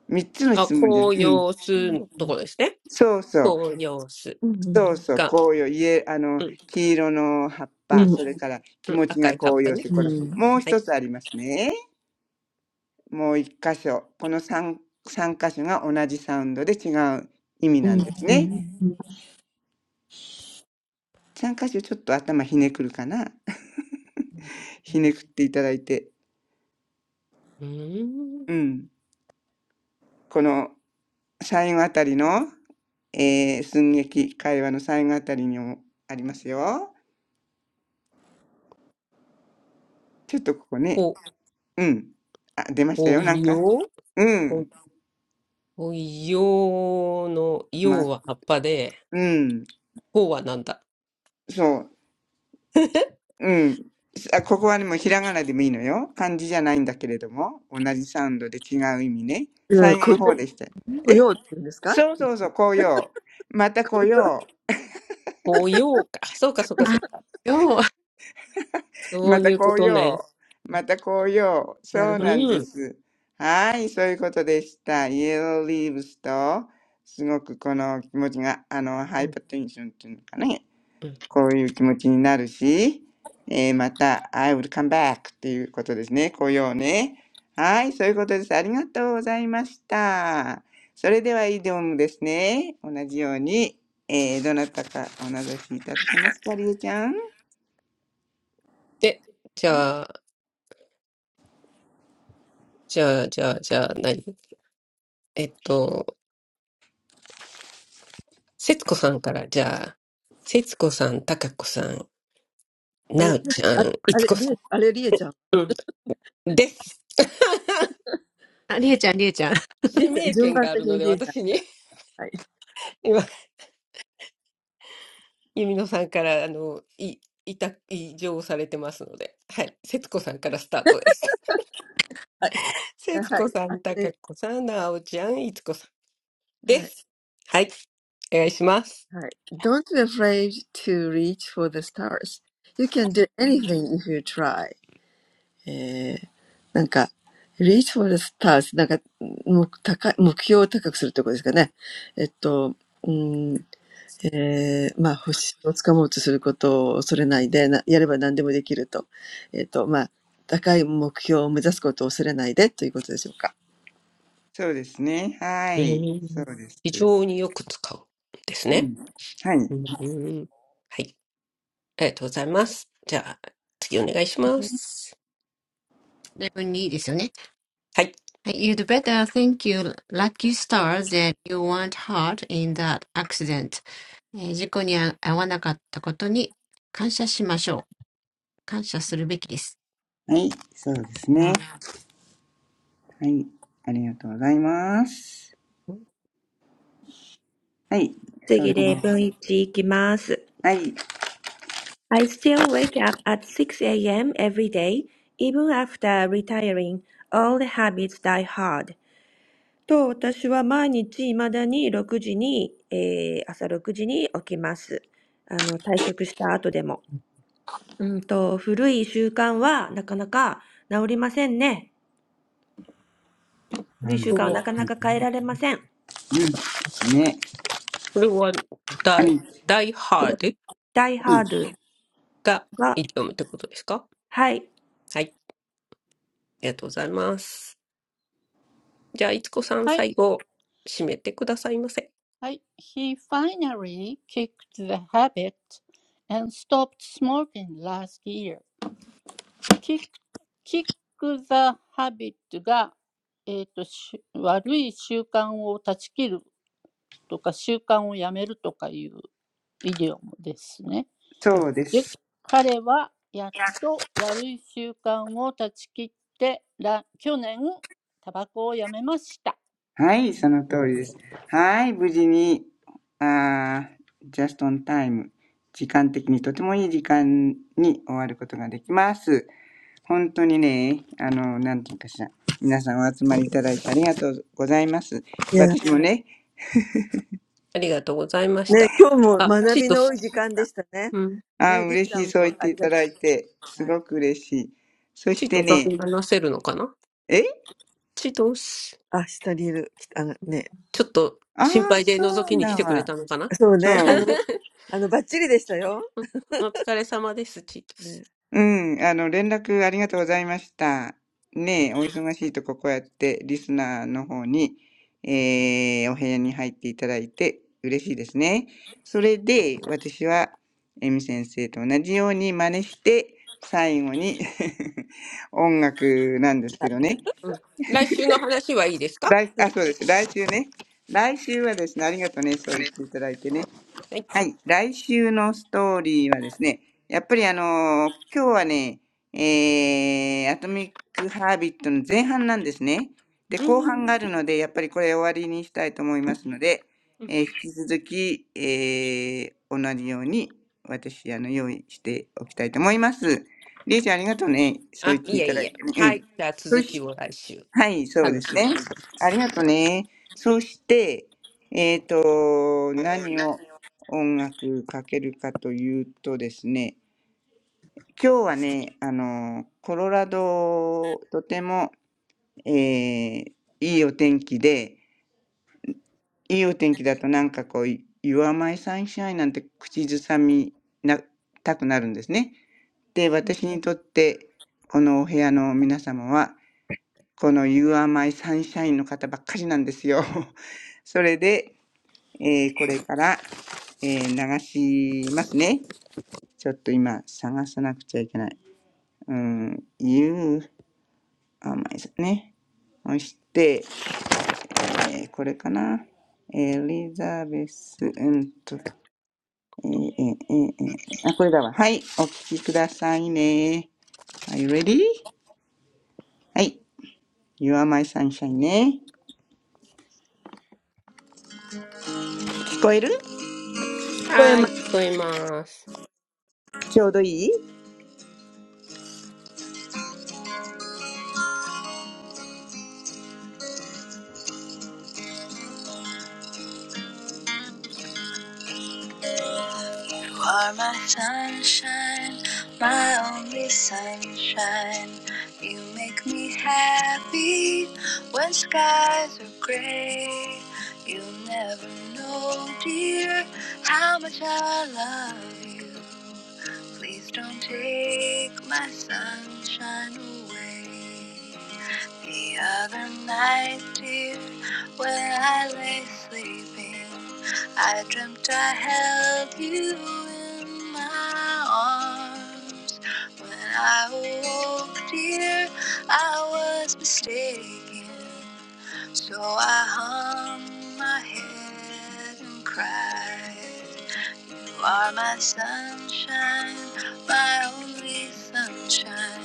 三つのあ、質問じゃ、紅うん。葉すのところですね。そうそう。紅葉すそうそう。が、紅葉。家、あの、うん、黄色の葉っうぱ。ん、それからう気ん、持ち赤がい葉っ紅ぱ葉しね。て、これ、もうはい。一つありますね。もう一箇所。この三、三箇所が同じサウンドで違う意味なんですね。三箇所ちょっと頭ひねくるかな。ひねくっていただいて。うーん。うん。この最後あたりの、えー、寸劇会話の最後あたりにもありますよ。ちょっとここね、ほ、うん。あ、出ましたほよ、なんか。よううほ、ん。ほようの、よま、うは葉っぱで、うん。ほうはなんだそう。うん。あ、ここはね、もうひらがなでもいいのよ。漢字じゃないんだけれども、同じサウンドで違う意味ね。最後の方でした。えそうそうそう、紅葉。また紅葉。ほよう か。そうか、そうか、そうか。そまうたいうこ紅とね。葉。うん。また紅葉。そうなんうでん。す。はい、そういうことでした。イエローリーブスと、すごくこの気持ちが、あの、ハうイパーテンションっていうのかね。んこういう気持ちになるし、えーまた、I will come back っていうことですね。紅葉ね。はい、そういうことです。ありがとうございました。それでは、イデオムですね。同じように、えーどなたかお名指しいただけますか、りえちゃん。で、じゃあ、じゃあ、じゃあ、じゃあ、何えっと、節子さんから、じゃあ、節子さん、貴子さんなおちゃん、いちこさんうんです。あ、よう、あ、りえちゃん、りえちゃん。レモンいいですよね。はい。You'd 指名権があるので、私に、今、ゆみのさんから、あの、い、いた、異常されてますので、はい、節子さんからスタートです。節子さん、たかこさん、なおちゃん、いちこさんです。はい、お願いします。afraid to reach for the stars. You can do anything if you try. なんか、reach for the stars そうですね。はうい。そうんです。非常によく使うんですうね。ん。はい。うんはい、ありがとうございます。じゃあ、次お願いします。はい。better thank you, lucky stars that you weren't hurt in that accident. えー、事故に遭わなかったことに感謝しましょう。感謝するべきです。まあ、ありがとう。Thank はい。そうですね。はい。ありがとうございます。はい。それ次で、例文1いきます。はい。I still wake up at 6 a.m. every day, even after retiring. All the habits die hard. と、私は毎日未だに6時に、えー朝6時に起きます。あの、退職した後でも。うんと、古い習慣はなかなか治りませんね。う古いん。うん。習こ慣れはは、なかなか変えられません。ね。これは、はダイ、い。ダイハード Die うん。Hard がイディオムってことですかは、はい。はい。ありがとうございます。じゃあ、いつこさん、I, 最後、締めてくださいませ。I, he finally kicked the habit and stopped smoking last year. Kick, kick the habit が、えーとし悪い習慣を断ち切るとか習慣をやめるとかいうイデオムですね。で、彼はやっと悪い習慣を断ち切ってら去年タバコをやめました。うん。そうです。はい。そのう通んりです。はい。無事に、あー、j u s ン・タイム、時間的にとてもいい時間に終わることができます。本当にね、あの、なんていうかしら、皆さんお集まりいただいてありがとうございます。なんか、もう高い、目標を高くするところですかね。えっと、うん、えー、まあ、星をつかもうとすることを恐れないで、なやれば何でもできると。えっと、まあ、高い目標を目指すことを恐れないでということでしょうか。いや、ね、今日も学びの多い時間でしたね。ね、リーさんもありがとう。はい。あ、下にいる。きあのね、そうね、あの、あの、バッチリでしたよ。ね、そう。私もね、ありがとうございました。あ、チートス。うん。ああ、嬉しい、そう言っていただいて、すごく嬉しい。そチしーてトスね、話せるのかなえチートス。ちょっとああ、心配でそ覗きうに来だてくれわ。たのかな そう。うんお疲れ様です、チートス。うん、あの、連絡ありがとうございました。ねえ、お忙しいとここうやってリスナーの方に、えー、お部屋に入っていただいて嬉しいですね。それで、私は、エミ先生と同じように真似して、最後に 音楽なんですけどね。うん。来週の話はいいですか来、あ、そうです。来週ね。来週はですね、ありがとうね。そう言っ Thank ていただいてね。はい。はい、来週のストーリーはですね、やっぱりあの今日はね、えー、アトミック・ハービットの前半なんですね。で、う後半ん。があるので、やっぱりこれ終わりにしたいと思いますので、えー引き続き、えー、同じように私、あの、用意しておきたいと思います。りえちゃん、ありがとうね。そうあ、言っていいえただいいえ。てね。うはい。ん。じゃあ、そ続きしを来週、はい、そうで楽すしみね。にしてまあす。りがとね。そして、えっ、と、何を音楽かけるかというとですね、今日はね、あの、コロラド、とても、えーいいお天気で、いいお天気だとなんかこう、Your My Sunshine なんて口ずさみなたくなるんですね。で、私にとって、このお部屋の皆様は、この You are my sunshine の方ばっかりなんですよ。それで、えーこれから、えー流しますね。ちょっと今探さなくちゃいけない。うん、You are my sunshine ね。そして、えーこれかな。エリザベス、うんと、えーえーえーええ、あ、これだわ。はい、お聞きくださいね。Are you ready? はい、You are my sunshine ね。聞こえるはーい、聞こえます。ちょうどいい You are my sunshine, my only sunshine. You make me happy when skies are gray. You never know, dear, how much I love you. Please don't take my sunshine away. The other night, dear, when I lay sleeping. I dreamt I held you in my arms. When I awoke, dear, I was mistaken. So I hung my head and cried. You are my sunshine, my only sunshine.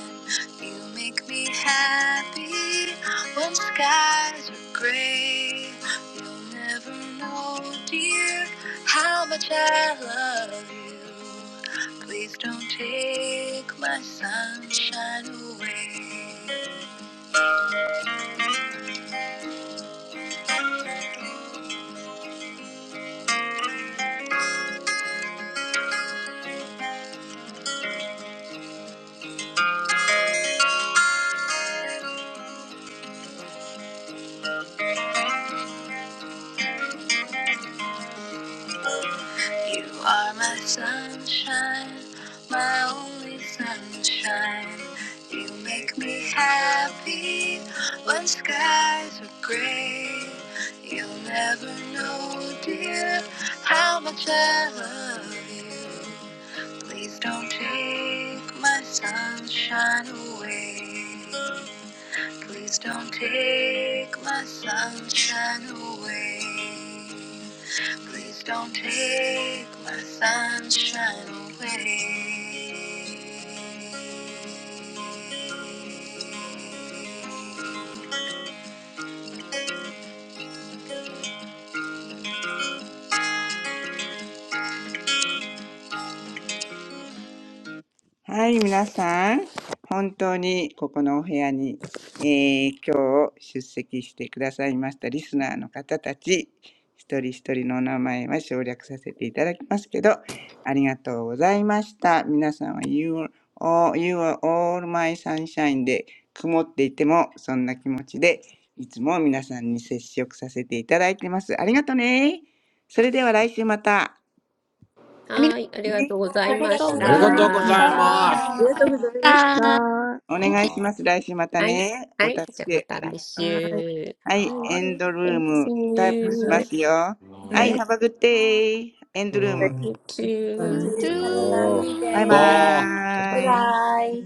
You make me happy when skies are gray. You'll never know, dear, how much I love you. Please don't take my sunshine away. You are my sunshine, my only sunshine. You make me happy when skies are gray. You'll never know, dear, how much I love you. Please don't take my sunshine away. Please don't take my sunshine away. Please don't take my sunshine away. はい、皆さん、本当にここのお部屋に、えー今日出席してくださいましたリスナーの方たち、一人一人のお名前は省略させていただきますけど、ありがとうございました。皆さんは You are all, you are all my sunshine で曇っていてもそんな気持ちでいつも皆さんに接触させていただいてます。ありがとね。それでは来週また。はーい、ありがね。とうございました。Arigatou うんは gozaimasu! お you. 願いし Ah, ます。来週またい、ね。おは助い、じゃあまけあたり来がとう。週。ははい、Ah. エンドルーい、ム See タップしま you. すりがとうございました。はい、はい、はい、バイバイ。よ。ははい、い、Have a good you. day! エンドルーム。本当だ。ありがとうございます。あー、あー、あー、あー。Thank you You You t o too. イ Have a lovely バイ day. too. Bye バ Bye ーイ。bye. bye.